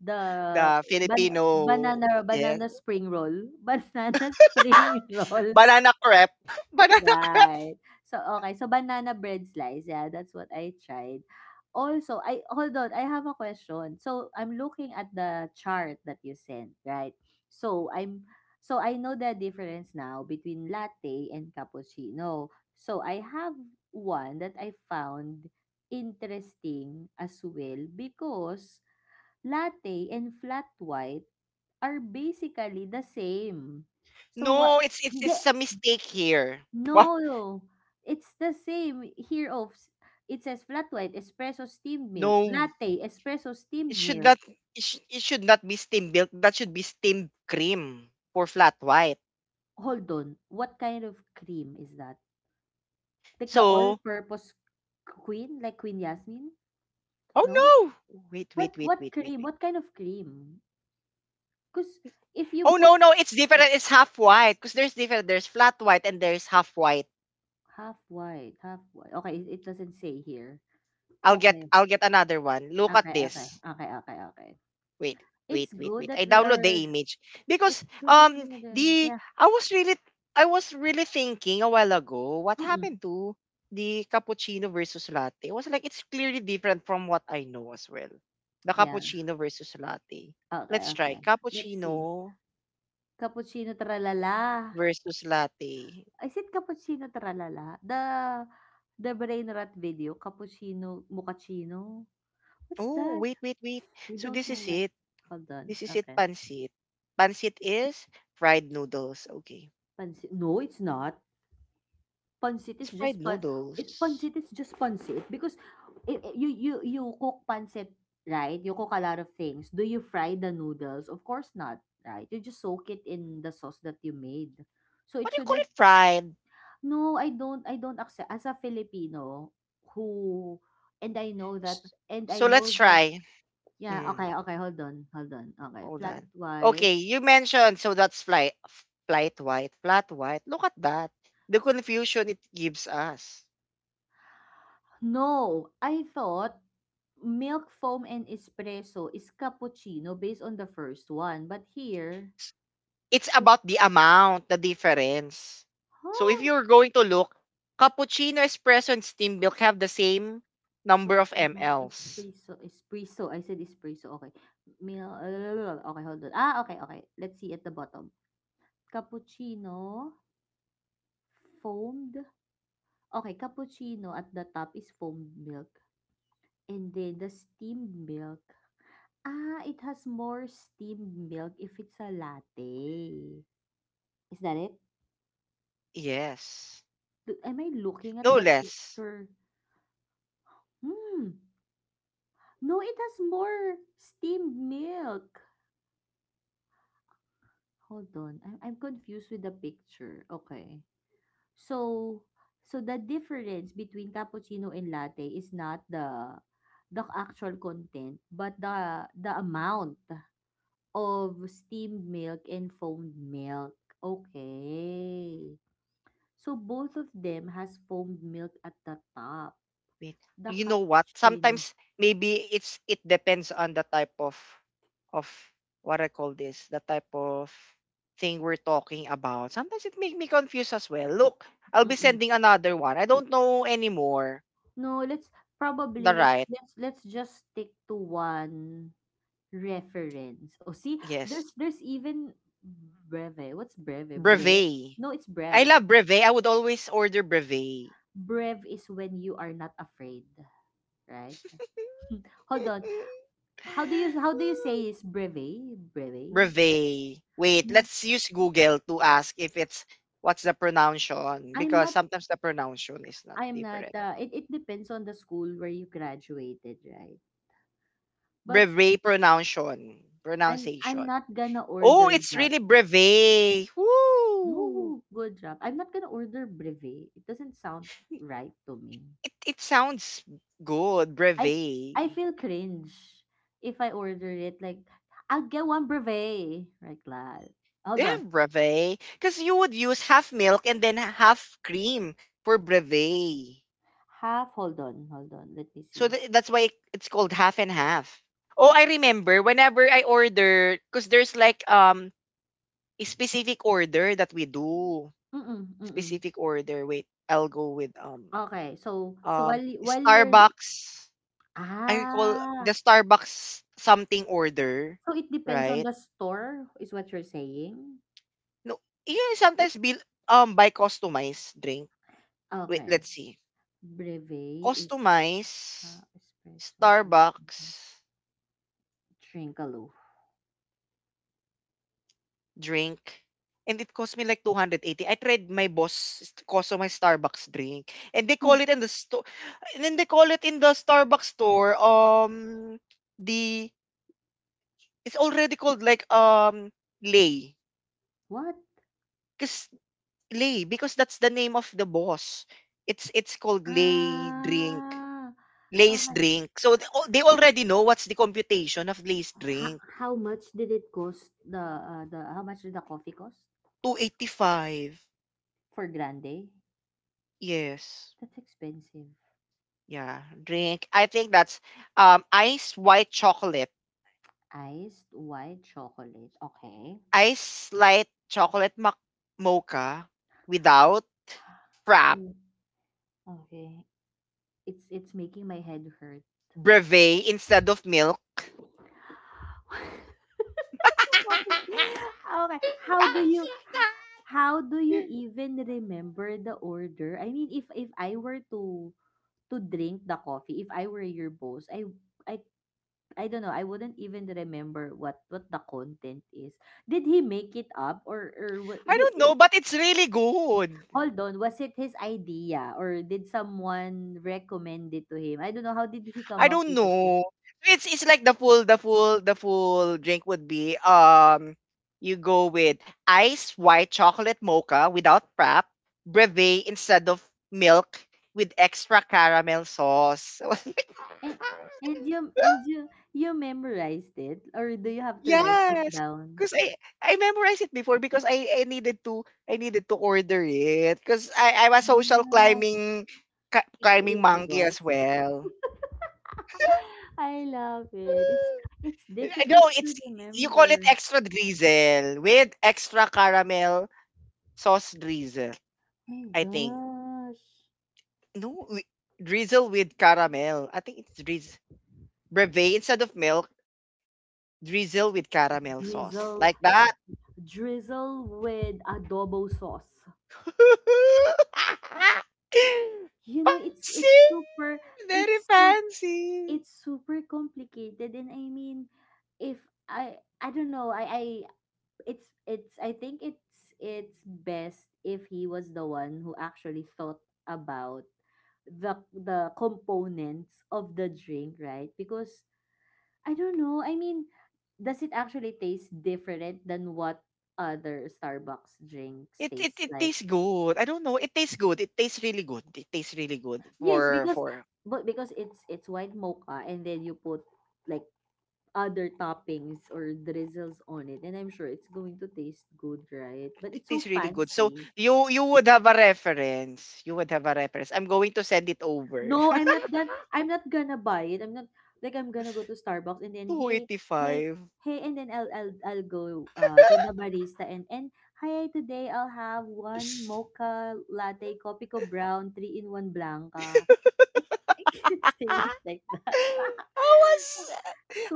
the
The
ban
Filipino.
banana
Yeah.
banana spring roll. Banana spring roll.
Banana crepe. Banana
Right.
crepe.
So, okay. So, banana bread slice. Yeah, that's what I tried. Also, I hold on. I have a question. So, I'm looking at the chart that you sent, right? So, I know the difference now between latte and cappuccino. So, I have one that I found interesting as well because latte and flat white are basically the same. So, what
No, it's it's
Hindi,
it's a mistake here.
No, it's the same here of it says flat white, espresso steamed milk,
No,
latte, espresso
it
steamed
should
milk.
not it should not be steamed milk. That should be steamed cream for flat white.
Hold on, what kind of cream is that? Like the
So,
all-purpose queen, like Queen Yasmin?
oh
No?
no. Wait, wait, wait,
What
wait, wait,
cream?
wait.
What kind of cream? Because if you
Oh
put
no, no, it's different. It's half white because there's different. There's flat white and there's half white.
half white, half white. Okay, it doesn't say here.
I'll get
Okay.
I'll get another one. Look at
Okay, okay,
this.
okay, okay, okay.
Wait, wait,
It's
wait,
good
wait.
that
I
we
download the
are.
image because
It's good that we are doing.
the
Yeah.
I was really thinking a while ago what
Mm-mm.
happened to the cappuccino versus latte. I was like it's clearly different from what I know as well. The
Yeah.
cappuccino versus latte.
Okay,
Let's try
okay. Let's see.
cappuccino
Cappuccino Tralala.
versus latte.
Is it Cappuccino Tralala? The brain rot video, Cappuccino Mochaccino? What's
Oh,
that?
wait, wait, wait.
We
So
don't
this
know
is
that.
it.
Hold on.
This is it
Okay.
pancit. Pancit is fried noodles. Okay.
Pancit. No, it's not. Pancit
It's
is
fried
just pan. It
noodles.
pancit is just pancit because you you cook pancit right? You cook a lot of things. Do you fry the noodles? Of course not, right? You just soak it in the sauce that you made. So it
What do you call
shouldn't
it fried?
No, I don't accept as a Filipino who and I know that
S-
and I
So
know
let's
that
try.
yeah,
Mm,
okay, okay, hold on, hold on. Okay,
Hold
flat
on.
white.
Okay, you mentioned so that's flight, flight white, flat white. Look at that. The confusion it gives us.
No, I thought milk foam and espresso is cappuccino based on the first one, but here
S- It's
it
about the amount, the difference. So if
huh,
you're going to look, cappuccino, espresso, and steam milk have the same number of
cappuccino,
mLs.
espresso, espresso. I said espresso. Okay, milk. Okay, hold on. Ah, okay, okay. Let's see at the bottom. Cappuccino foamed okay cappuccino at the top is foamed milk, and then the steamed milk, ah, it has more steamed milk if it's a latte. Is that it?
Yes,
Am I looking at
no
the
less.
picture? Hmm. No, it has more steamed milk. Hold on, I'm confused with the picture, okay. So so the difference between cappuccino and latte is not the actual content, but the amount. Of steamed milk and foamed milk. Okay. So both of them has foamed milk at the top.
Wait.
The
You know what?
cappuccino.
Sometimes maybe it depends on the type of what I call this, the type of thing we're talking about. Sometimes it make me confused as well. Look, I'll be
Mm-mm.
sending another one. I don't know anymore.
No, let's probably
The
let's
right.
let's let's just stick to one reference. Oh, see, there's
Yes.
there's even breve. What's breve? Breve.
Brevet.
No, it's
I
brev.
love brevet. I would always order brevet.
Brev is when you are not afraid, right? Hold on. How do you say is breve? Breve?
Reveille. Wait,
No,
let's use Google to ask if it's what's the pronunciation
I'm
because
not
sometimes the pronunciation is not
I'm not,
different.
it it depends on the school where you graduated, right? But
Brevet pronunciation,
I'm
pronunciation.
not gonna
Oh,
order
it's
that.
really brevet. Woo!
No, good job. I'm not gonna order brevet. It doesn't sound right to me.
It sounds good,
I
brevet.
I feel cringe if I order it. Like I'll get one brevet, like that.
They
Hold on,
have brevet because you would use half milk and then half cream for brevet.
half. Hold on. Let me
So
see.
th- that's why it's called half and half. Oh, I remember whenever I order cuz there's like a specific order that we do.
Mm mm
Specific order. Wait, I'll go with
Okay, so so while while you're
Starbucks. I recall the
ah,
Starbucks something order,
so it depends on
right?
the store, is what you're saying.
No, you sometimes be by customized drink. Wait,
Okay.
let's see.
Breve is
Customize
espresso hot black
Starbucks
Trinkaloo.
drink, and it cost me like 280. I tried my boss cost of my Starbucks drink, and they call
Oh,
it in the store, and then they call it in the Starbucks store. The It's already called like Lay,
what?
cause Lay because that's the name of the boss. It's called Lay drink,
Ah,
Lay's
okay.
drink. So they already know what's the computation of Lay's
How,
drink.
how much did it cost the how much did the coffee cost
285.
for grande?
Yes.
That's expensive.
Yeah, drink. I think that's ice white chocolate,
Iced white chocolate. Okay.
ice light chocolate mac mocha without frap,
Oh, okay. It's making my head hurt.
brevet instead of milk.
That's so complicated. Okay. How do you h- how do you even remember the order? I mean, if I were to drink the coffee, if I were your boss, I I don't know. I wouldn't even remember what the content is. Did he make it up or
I
did
don't know,
it,
but it's really good.
hold on? Was it his idea or did someone recommend it to him? I don't know. How did he
I
come up
don't
with the drink?
know. It's like the full drink would be you go with ice white chocolate mocha without prep, brevet instead of milk with extra caramel sauce.
And you you memorized it or do you have to write it
Yes,
down?
because I memorized it before because I needed to order it because I'm a social
Yeah,
climbing
with
climbing
your
monkey
balls.
as well.
I love it. It's
No,
difficult to
it's you call it
remember.
extra drizzle with extra caramel sauce drizzle.
My
I think
gosh.
no wi- drizzle with caramel. I think it's drizz brevet instead of milk. Drizzle with caramel sauce
Drizzle
like that.
drizzle with adobo sauce. You know,
Fancy, very
it's so
fancy.
it's super complicated and I mean if I I don't know I it's I think it's best if he was the one who actually thought about the components of the drink, right? Because I don't know, I mean, does it actually taste different than what other Starbucks drinks
It, it
taste
it
like?
tastes good. I don't know. It tastes good. It tastes really good. It tastes really good
Yes,
for
because
for
but because it's white mocha and then you put like other toppings or drizzles on it and I'm sure it's going to taste good, right? But
It
it's so
is really good. So
fancy.
you would have a reference. You would have a reference. I'm going to send it over.
No, I'm not gonna buy it. I'm not like, I'm gonna go to Starbucks and then, "Hey, hey,
285.
hey," and then I'll I'll go, to the barista and, "Hi, today I'll have 1 mocha latte, kopi ko brown, 3 in 1 blanca." I I can't
Ah,
say it like that.
I was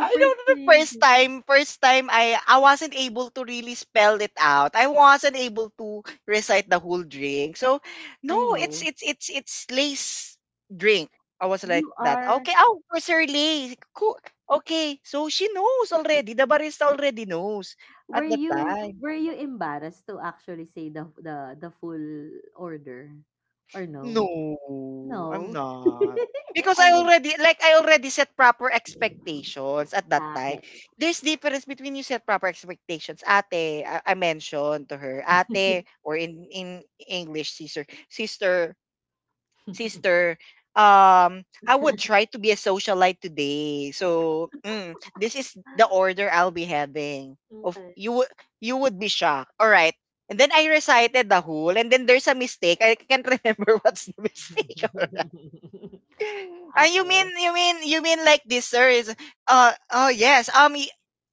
I don't know the first
cringy.
time first time I wasn't able to really spell it out. I wasn't able to recite the whole drink. So no,
I know.
it's lace drink. I was
You
like that.
are
Okay, oh, for Sir Lace. Cool. Okay, so she knows already. The barista already knows at the time.
were you embarrassed to actually say the the full order or no?
No, I'm
No.
not. Because
I will
I already set proper expectations at that time.
Okay.
There's difference between you set proper expectations. Ate, I mentioned to her, ate or in English sister, sister, I would try to be a socialite today. So, this is the order I'll be having. Of
Okay.
you would be shocked. All right. And then I recited the whole, and then there's a mistake. I can't remember what's the mistake. You mean
Okay,
like this, sir? Is. Oh, yes.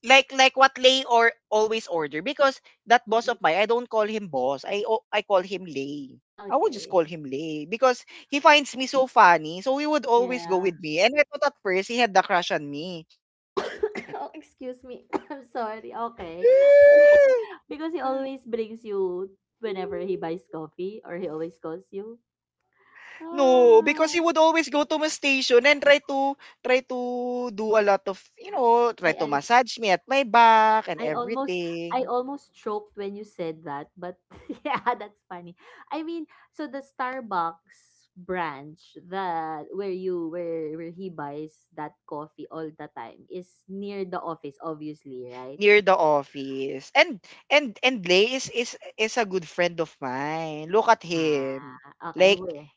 Like what Lay or always order because that boss
mm,
of mine, I don't call him boss. I call him Lay. I would just
okay,
call him Lay because he finds me so funny. So he would always go
yeah.
with me. And I thought at first he had the crush on me.
Oh, excuse me. I'm sorry, okay. Because he always brings you whenever he buys coffee or he always calls you?
No, because
Ah,
he would always go to my station and try to try to do a lot of try
I
to
I
massage me at my back and
I almost I
everything.
almost choked when you said that, but yeah, that's funny. I mean, so the Starbucks branch that where you where he buys that coffee all the time is near the office, obviously, right?
Near the office. And Lay is a good friend of mine. Look at him.
Ah, okay.
Like
Where?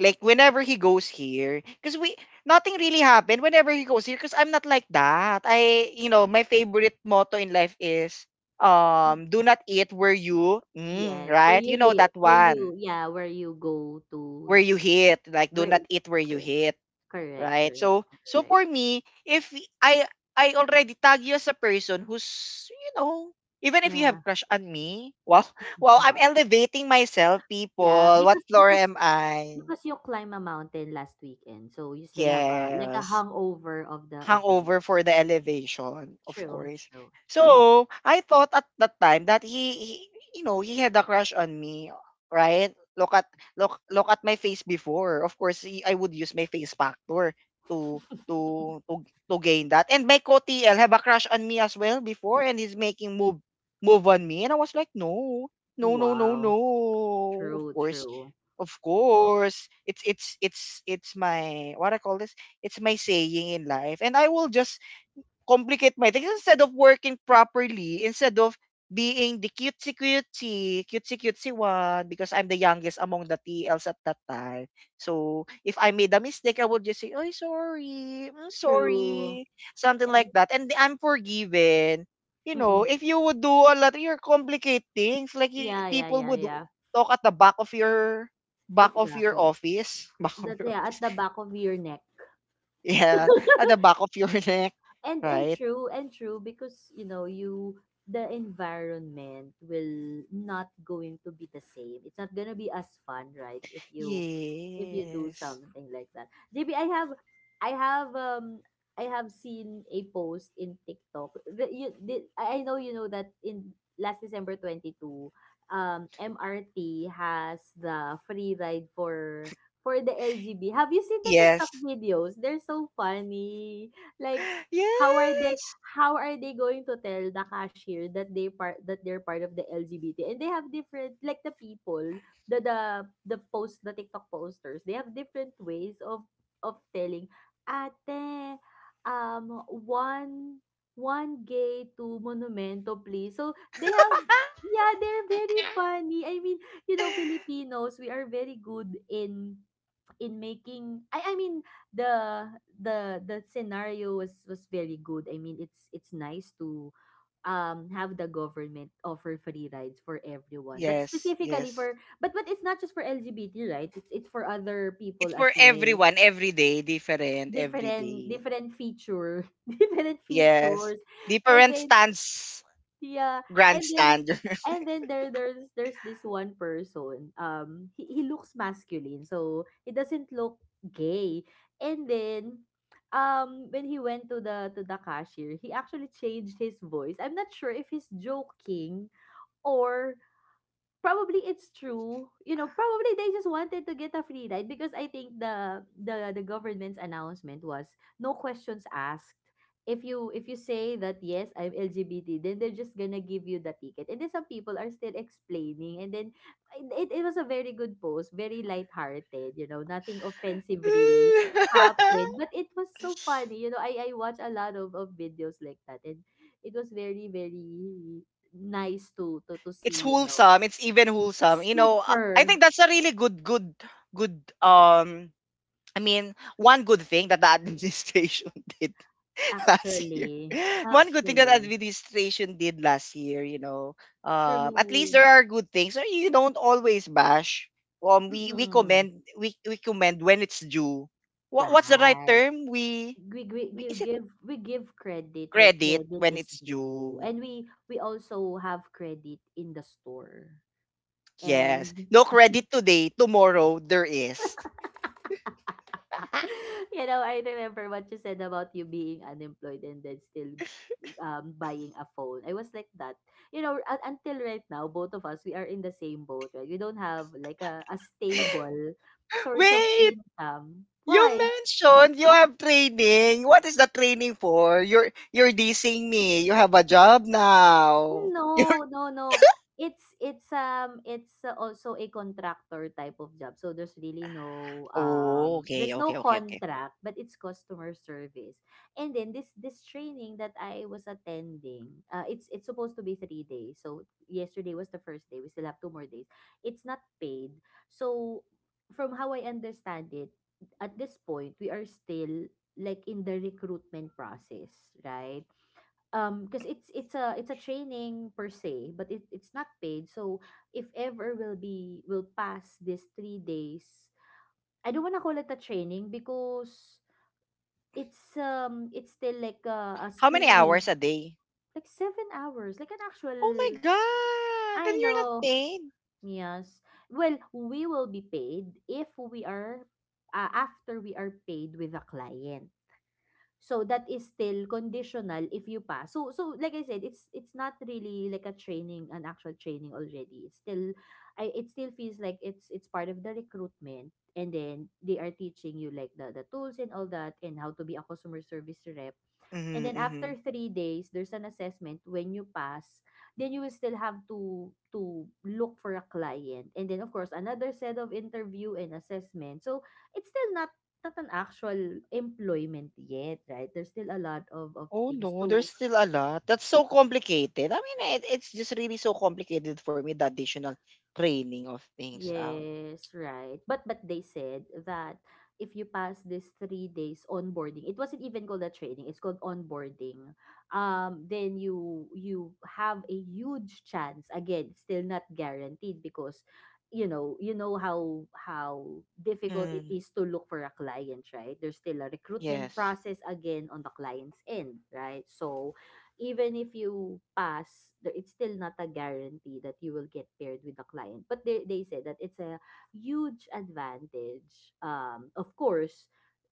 whenever he goes here, because we nothing really happened whenever he goes here. Because I'm not like that. I you know My favorite motto in life is do not eat where you,
Yes, where
right, you
you
know
live,
that
where you
one,
yeah, where you go
where
to
you hit, like do
where
not eat where you
correct,
hit,
correct,
right?
correct,
So
correct.
for me, if y- I already tag you as a person who's, you know even if you
Yeah.
have crush on me, well well I'm elevating myself,
Yeah,
people. What floor am I?
because you climb a mountain last weekend, so you still have a like a
Yes,
hangover of the event.
hangover for the elevation, of
True,
course.
true, true.
So, I thought at that time that he had a crush on me, right? Look at my face before. Of course, I would use my face factor to to to to gain that. And my co-TL have a crush on me as well before and he's making move on me and I was like, "No. No, no, no, no."
Wow.
Of
True,
course,
true.
of course, it's my what I call this it's my saying in life. And I will just complicate my things instead of working properly, instead of being the cutesy cutesy, cutesy cutesy one, because I'm the youngest among the TLs at that time. So if I made a mistake, I would just say, oh, sorry,
True.
sorry, something like
And
that. And I'm forgiven. You know,
mm.
if you would do a lot, you're complicate things.
Yeah, yeah,
People
yeah,
would
yeah.
talk at the back of your
Exactly.
office, back of
That
your
yeah,
office,
at the back of your neck.
yeah, at the back of your neck,
And
right?
true, because you know you the environment will not going to be the same. It's not gonna be as fun, right, if you do
Yes.
something like that. JB, I have, I have um I have seen a post in TikTok that you did. I know, you know that in last December 22, MRT has the free ride for the LGB. Have you seen the TikTok
Yes.
videos? They're so funny. Like, How are they how are they going to tell the cashier that they're part of the LGBT? And they have different, like, the people, the the the post, the TikTok posters, they have different ways of telling, ate, one gay to monumento, please. So they have.
Yes.
Yeah, they're very funny. I mean, you know, Filipinos, we are very good in making, I mean, the the scenario was very good. I mean, it's nice to have the government offer free rides for everyone. But
Yes,
specifically
yes.
for, but it's not just for LGBT, right? It's for other
It's
people as
for
well.
everyone, every day, different, every
Different
day.
different feature, different
Yes.
features. And
Different
then
stands,
Yeah, and then
grandstand.
and then there's this one person. He looks masculine, so he doesn't look gay. And then, when he went to the cashier, he actually changed his voice. I'm not sure if he's joking, or probably it's true. You know, probably they just wanted to get a free ride, because I think the government's announcement was, no questions asked. If you say that, yes, I'm LGBT, then they're just gonna give you the ticket. And then some people are still explaining. And then it was a very good post, very lighthearted, you know, nothing offensive really happened. But it was so funny. You know, I watch a lot of videos like that, and it was very, very nice to
It's
see, you know.
wholesome. It's even wholesome. You know, I
Super.
think that's a really good, good, good I mean, one good thing that the administration did last year.
Actually,
One good thing that
actually,
administration did last year, you know, at least
true.
there are good things. So you don't always bash. We
Mm,
commend we commend when it's due. What's the right
right.
term?
We we
We is
give
it
give we give credit where
credit
credit
when
is
it's
due,
due?
and we also have credit in the store.
Yes.
And
No credit today. Tomorrow there is.
you know, I remember what you said about you being unemployed and then still, buying a phone. I was like that. You know, until right now, both of us, we are in the same boat, right? We don't have like a stable source of
Wait.
income.
You
Why?
mentioned you have training. What is the training for? You're dissing me. You have a job now. You're
No, no, no. It's also a contractor type of job. So there's really no,
Oh, okay,
there's no
okay, okay, okay.
contract, but it's customer service. And then this training that I was attending, it's supposed to be 3 days. So yesterday was the first day. We still have 2 more days. It's not paid. So from how I understand it, at this point, we are still like in the recruitment process, right? Because it's a training per se, but it's not paid. So if ever will be, will pass this 3 days, I don't want to call it a training, because it's still like a
How many
screening,
hours a day?
like 7 hours, like an
Oh my
actual.
god! Then
I
you're not
know.
paid.
Yes. Well, we will be paid if we are, after we are paid with a client. So that is still conditional if you pass. So so like I said, it's not really like a training, an actual training already. It's still, I it still feels like it's part of the recruitment, and then they are teaching you like the tools and all that, and how to be a customer service rep. And then
Mm-hmm, mm-hmm.
after 3 days, there's an assessment. When you pass, then you will still have to, look for a client. And then of course another set of interview and assessment. So it's still not an actual employment yet, right? There's still a lot of
Oh
things
no, there's
to.
still a lot. That's so complicated. I mean, it's just really so complicated for me the additional training of things out.
Yes, right. But they said that if you pass this 3 days onboarding, it wasn't even called a training, it's called onboarding. Then you have a huge chance. Again, still not guaranteed, because you know, how difficult it
Mm,
is to look for a client, right? There's still a recruitment
yes.
process again on the client's end, right? So even if you pass, there it's still not a guarantee that you will get paired with a client. But they said that it's a huge advantage, of course,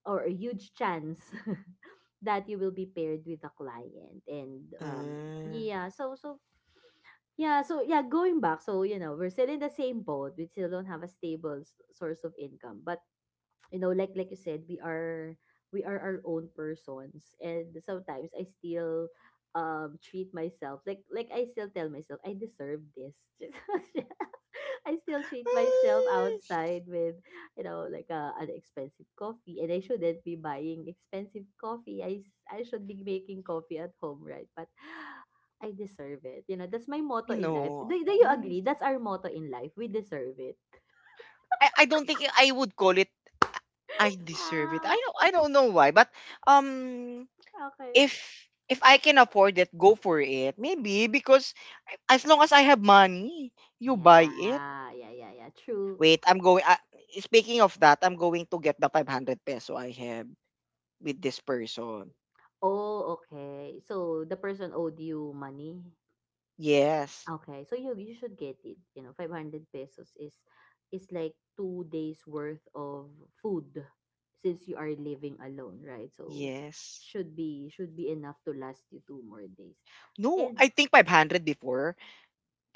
or a huge chance that you will be paired with a client. And
Mm.
yeah, so yeah, going back. So, you know, we're still in the same boat. We still don't have a stable source of income. But you know, like you said, we are our own persons. And sometimes I still, treat myself like, I still tell myself I deserve this. I still treat myself
Mm,
outside with, you know, like a, an expensive coffee. And I shouldn't be buying expensive coffee. I should be making coffee at home, right? But I deserve it, you know. That's my motto
you
in life.
know.
Do you
No.
agree that's our motto in life? We deserve it.
I don't think I would call it, "I deserve it."
Wow.
I don't know why, but um
Okay.
if if I can afford it, go for it. Maybe because as long as I have money, you buy it.
Yeah, yeah, yeah, yeah. True.
Wait, I'm going speaking of that, I'm going to get the 500 peso I have with this person.
Oh, okay. So the person owed you money.
Yes.
Okay, so you should get it. You know, 500 pesos is like 2 days worth of food, since you are living alone, right? So
Yes.
should be enough to last you 2 more days.
No,
And
I think 500 before.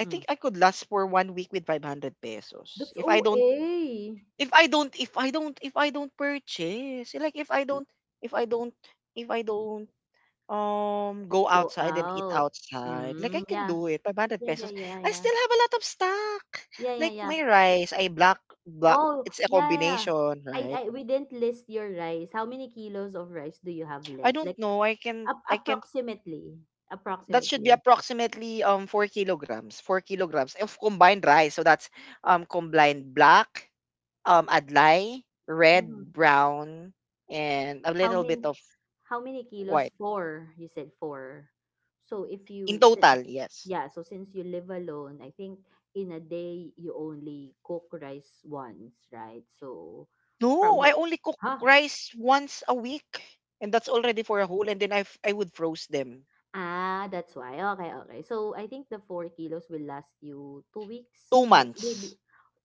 I think I could last for one week with 500 pesos.
that's OA.
If I don't purchase, like, if I don't if I don't
Let's
go
go
outside and eat
out.
outside like I
Mm,
can
yeah.
do it 500
Yeah, yeah,
pesos.
yeah,
I
yeah.
still have a lot of stock
Yeah, yeah,
like
yeah.
my rice, I black,
Oh,
it's a
yeah, yeah, yeah.
combination, right?
I We didn't list your rice. How many kilos of rice do you have
I
left?
don't
Like,
know,
ap-
I can
approximately,
that should be
approximately,
approximately 4 kilograms 4 kilograms of combined rice, so that's combined black, adlai,
Hmm.
red, brown, and a
How
little bit
many
of
how many kilos?
white.
Four. You said four. So if
In
you sin-
total, yes.
Yeah, so since you live alone, I think in a day you only cook rice once, right? So
No, I
probably.
only cook
Huh?
rice once a week. And that's already for a whole. And then I would froze them.
Ah, that's why. Okay, okay. So, I think the 4 kilos will last you 2 weeks,
Two
m maybe.
months.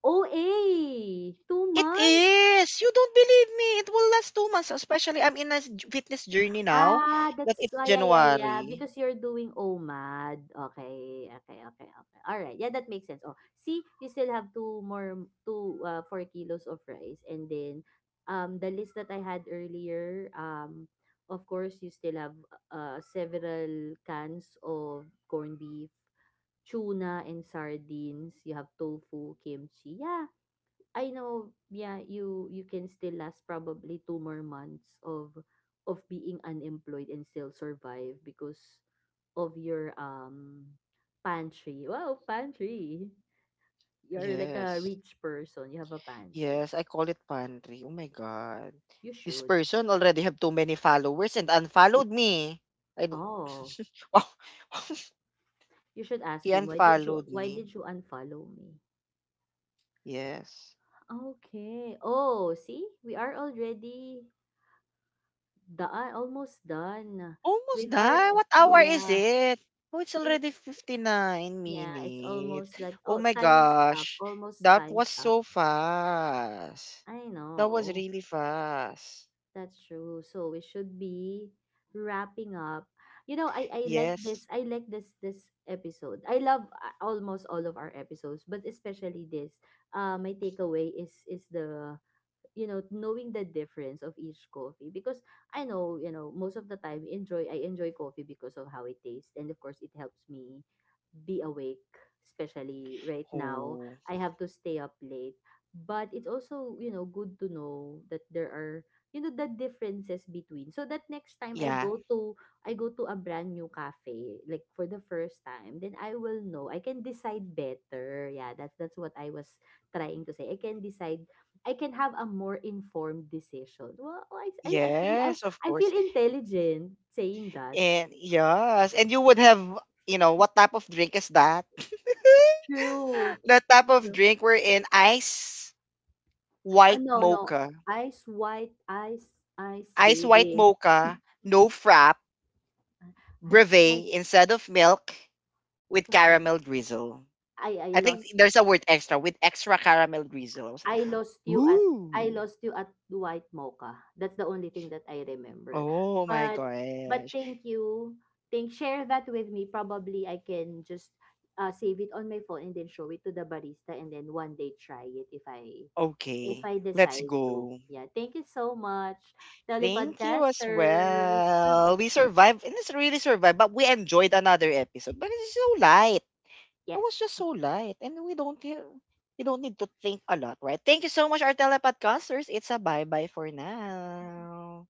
OA, two
It
months?
is. You don't believe me. It will last 2 months. Especially, I'm in a fitness journey now
Ah,
that
that's
it's
why. Yeah, yeah, yeah,
January.
because you're doing OMAD. Okay, okay, okay, okay. Alright, yeah, that makes sense. Oh, see, you still have two more m- two ah, 4 kilos of rice. And then, the list that I had earlier, of course, you still have, several cans of corned beef, tuna and sardines. You have tofu, kimchi. Yeah, I know, yeah, you can still last probably 2 more months of being unemployed and still survive because of your pantry. Wow, pantry. You're like a
Yes.
rich person. You have a pantry.
Yes, I call it pantry. Oh my God.
You
This
should.
person already have too many followers and unfollowed me. I don't.
Oh,
Wow.
you should ask
He
him, why did you
unfollowed
why
me.
did you unfollow me?
Yes.
Okay. Oh, see? We are already the I almost done
Almost
with our.
done. What hour is
Yeah,
it? Oh, it's already
it's
59
yeah it's
minutes.
almost like,
Oh
oh,
my
time's up.
gosh.
Almost
That
time's
was
up.
so fast.
I
That was
know.
really fast.
That's true, so we should be wrapping up. You know, I I like
Yes.
this I like this this episode. I love, almost all of our episodes, but especially this. My takeaway is, the, you know, knowing the difference of each coffee. Because I know, you know, most of the time, enjoy I enjoy coffee because of how it tastes, and of course it helps me be awake, especially right now.
Oh,
I have to stay up late. But it's also, you know, good to know that there are, you know, the differences between, so that next time i
yeah.
go to i go to a brand new cafe, like, for the first time, then I will know. I can decide better. Yeah, that's what I was trying to say. I can decide, I can have a more informed decision. Well, I, I, I feel I,
Yes, of
I
course.
feel intelligent saying that.
And yes, and you would have, you know, what type of drink is that?
True.
The type of
True.
drink we're in ice white
No, no.
mocha.
Ice white, ice, ice
Ice white
baby.
mocha, no frap,
Uh, Ice white.
brevet instead of milk
Of
with
him.
caramel drizzle.
I, I
I think
lost
there's a word extra with extra caramel drizzle. I was like,
I lost you at I
ooh,
lost you at White Mocha. That's the only thing that I remember.
oh my
But but
gosh.
thank you. Think share that with me. Probably I can just, save it on my phone and then show it to the barista, and then one day try it if I if
Okay,
I
let's
decide to.
go.
Yeah. Thank you so much,
Thank you as
telepodcasters.
well. We survived, and it's really survived, but we enjoyed another episode. But it's so light. It
Yes.
was just so light, and we don't need to think a lot, right? Thank you so much, our telepodcasters. It's a bye bye for now.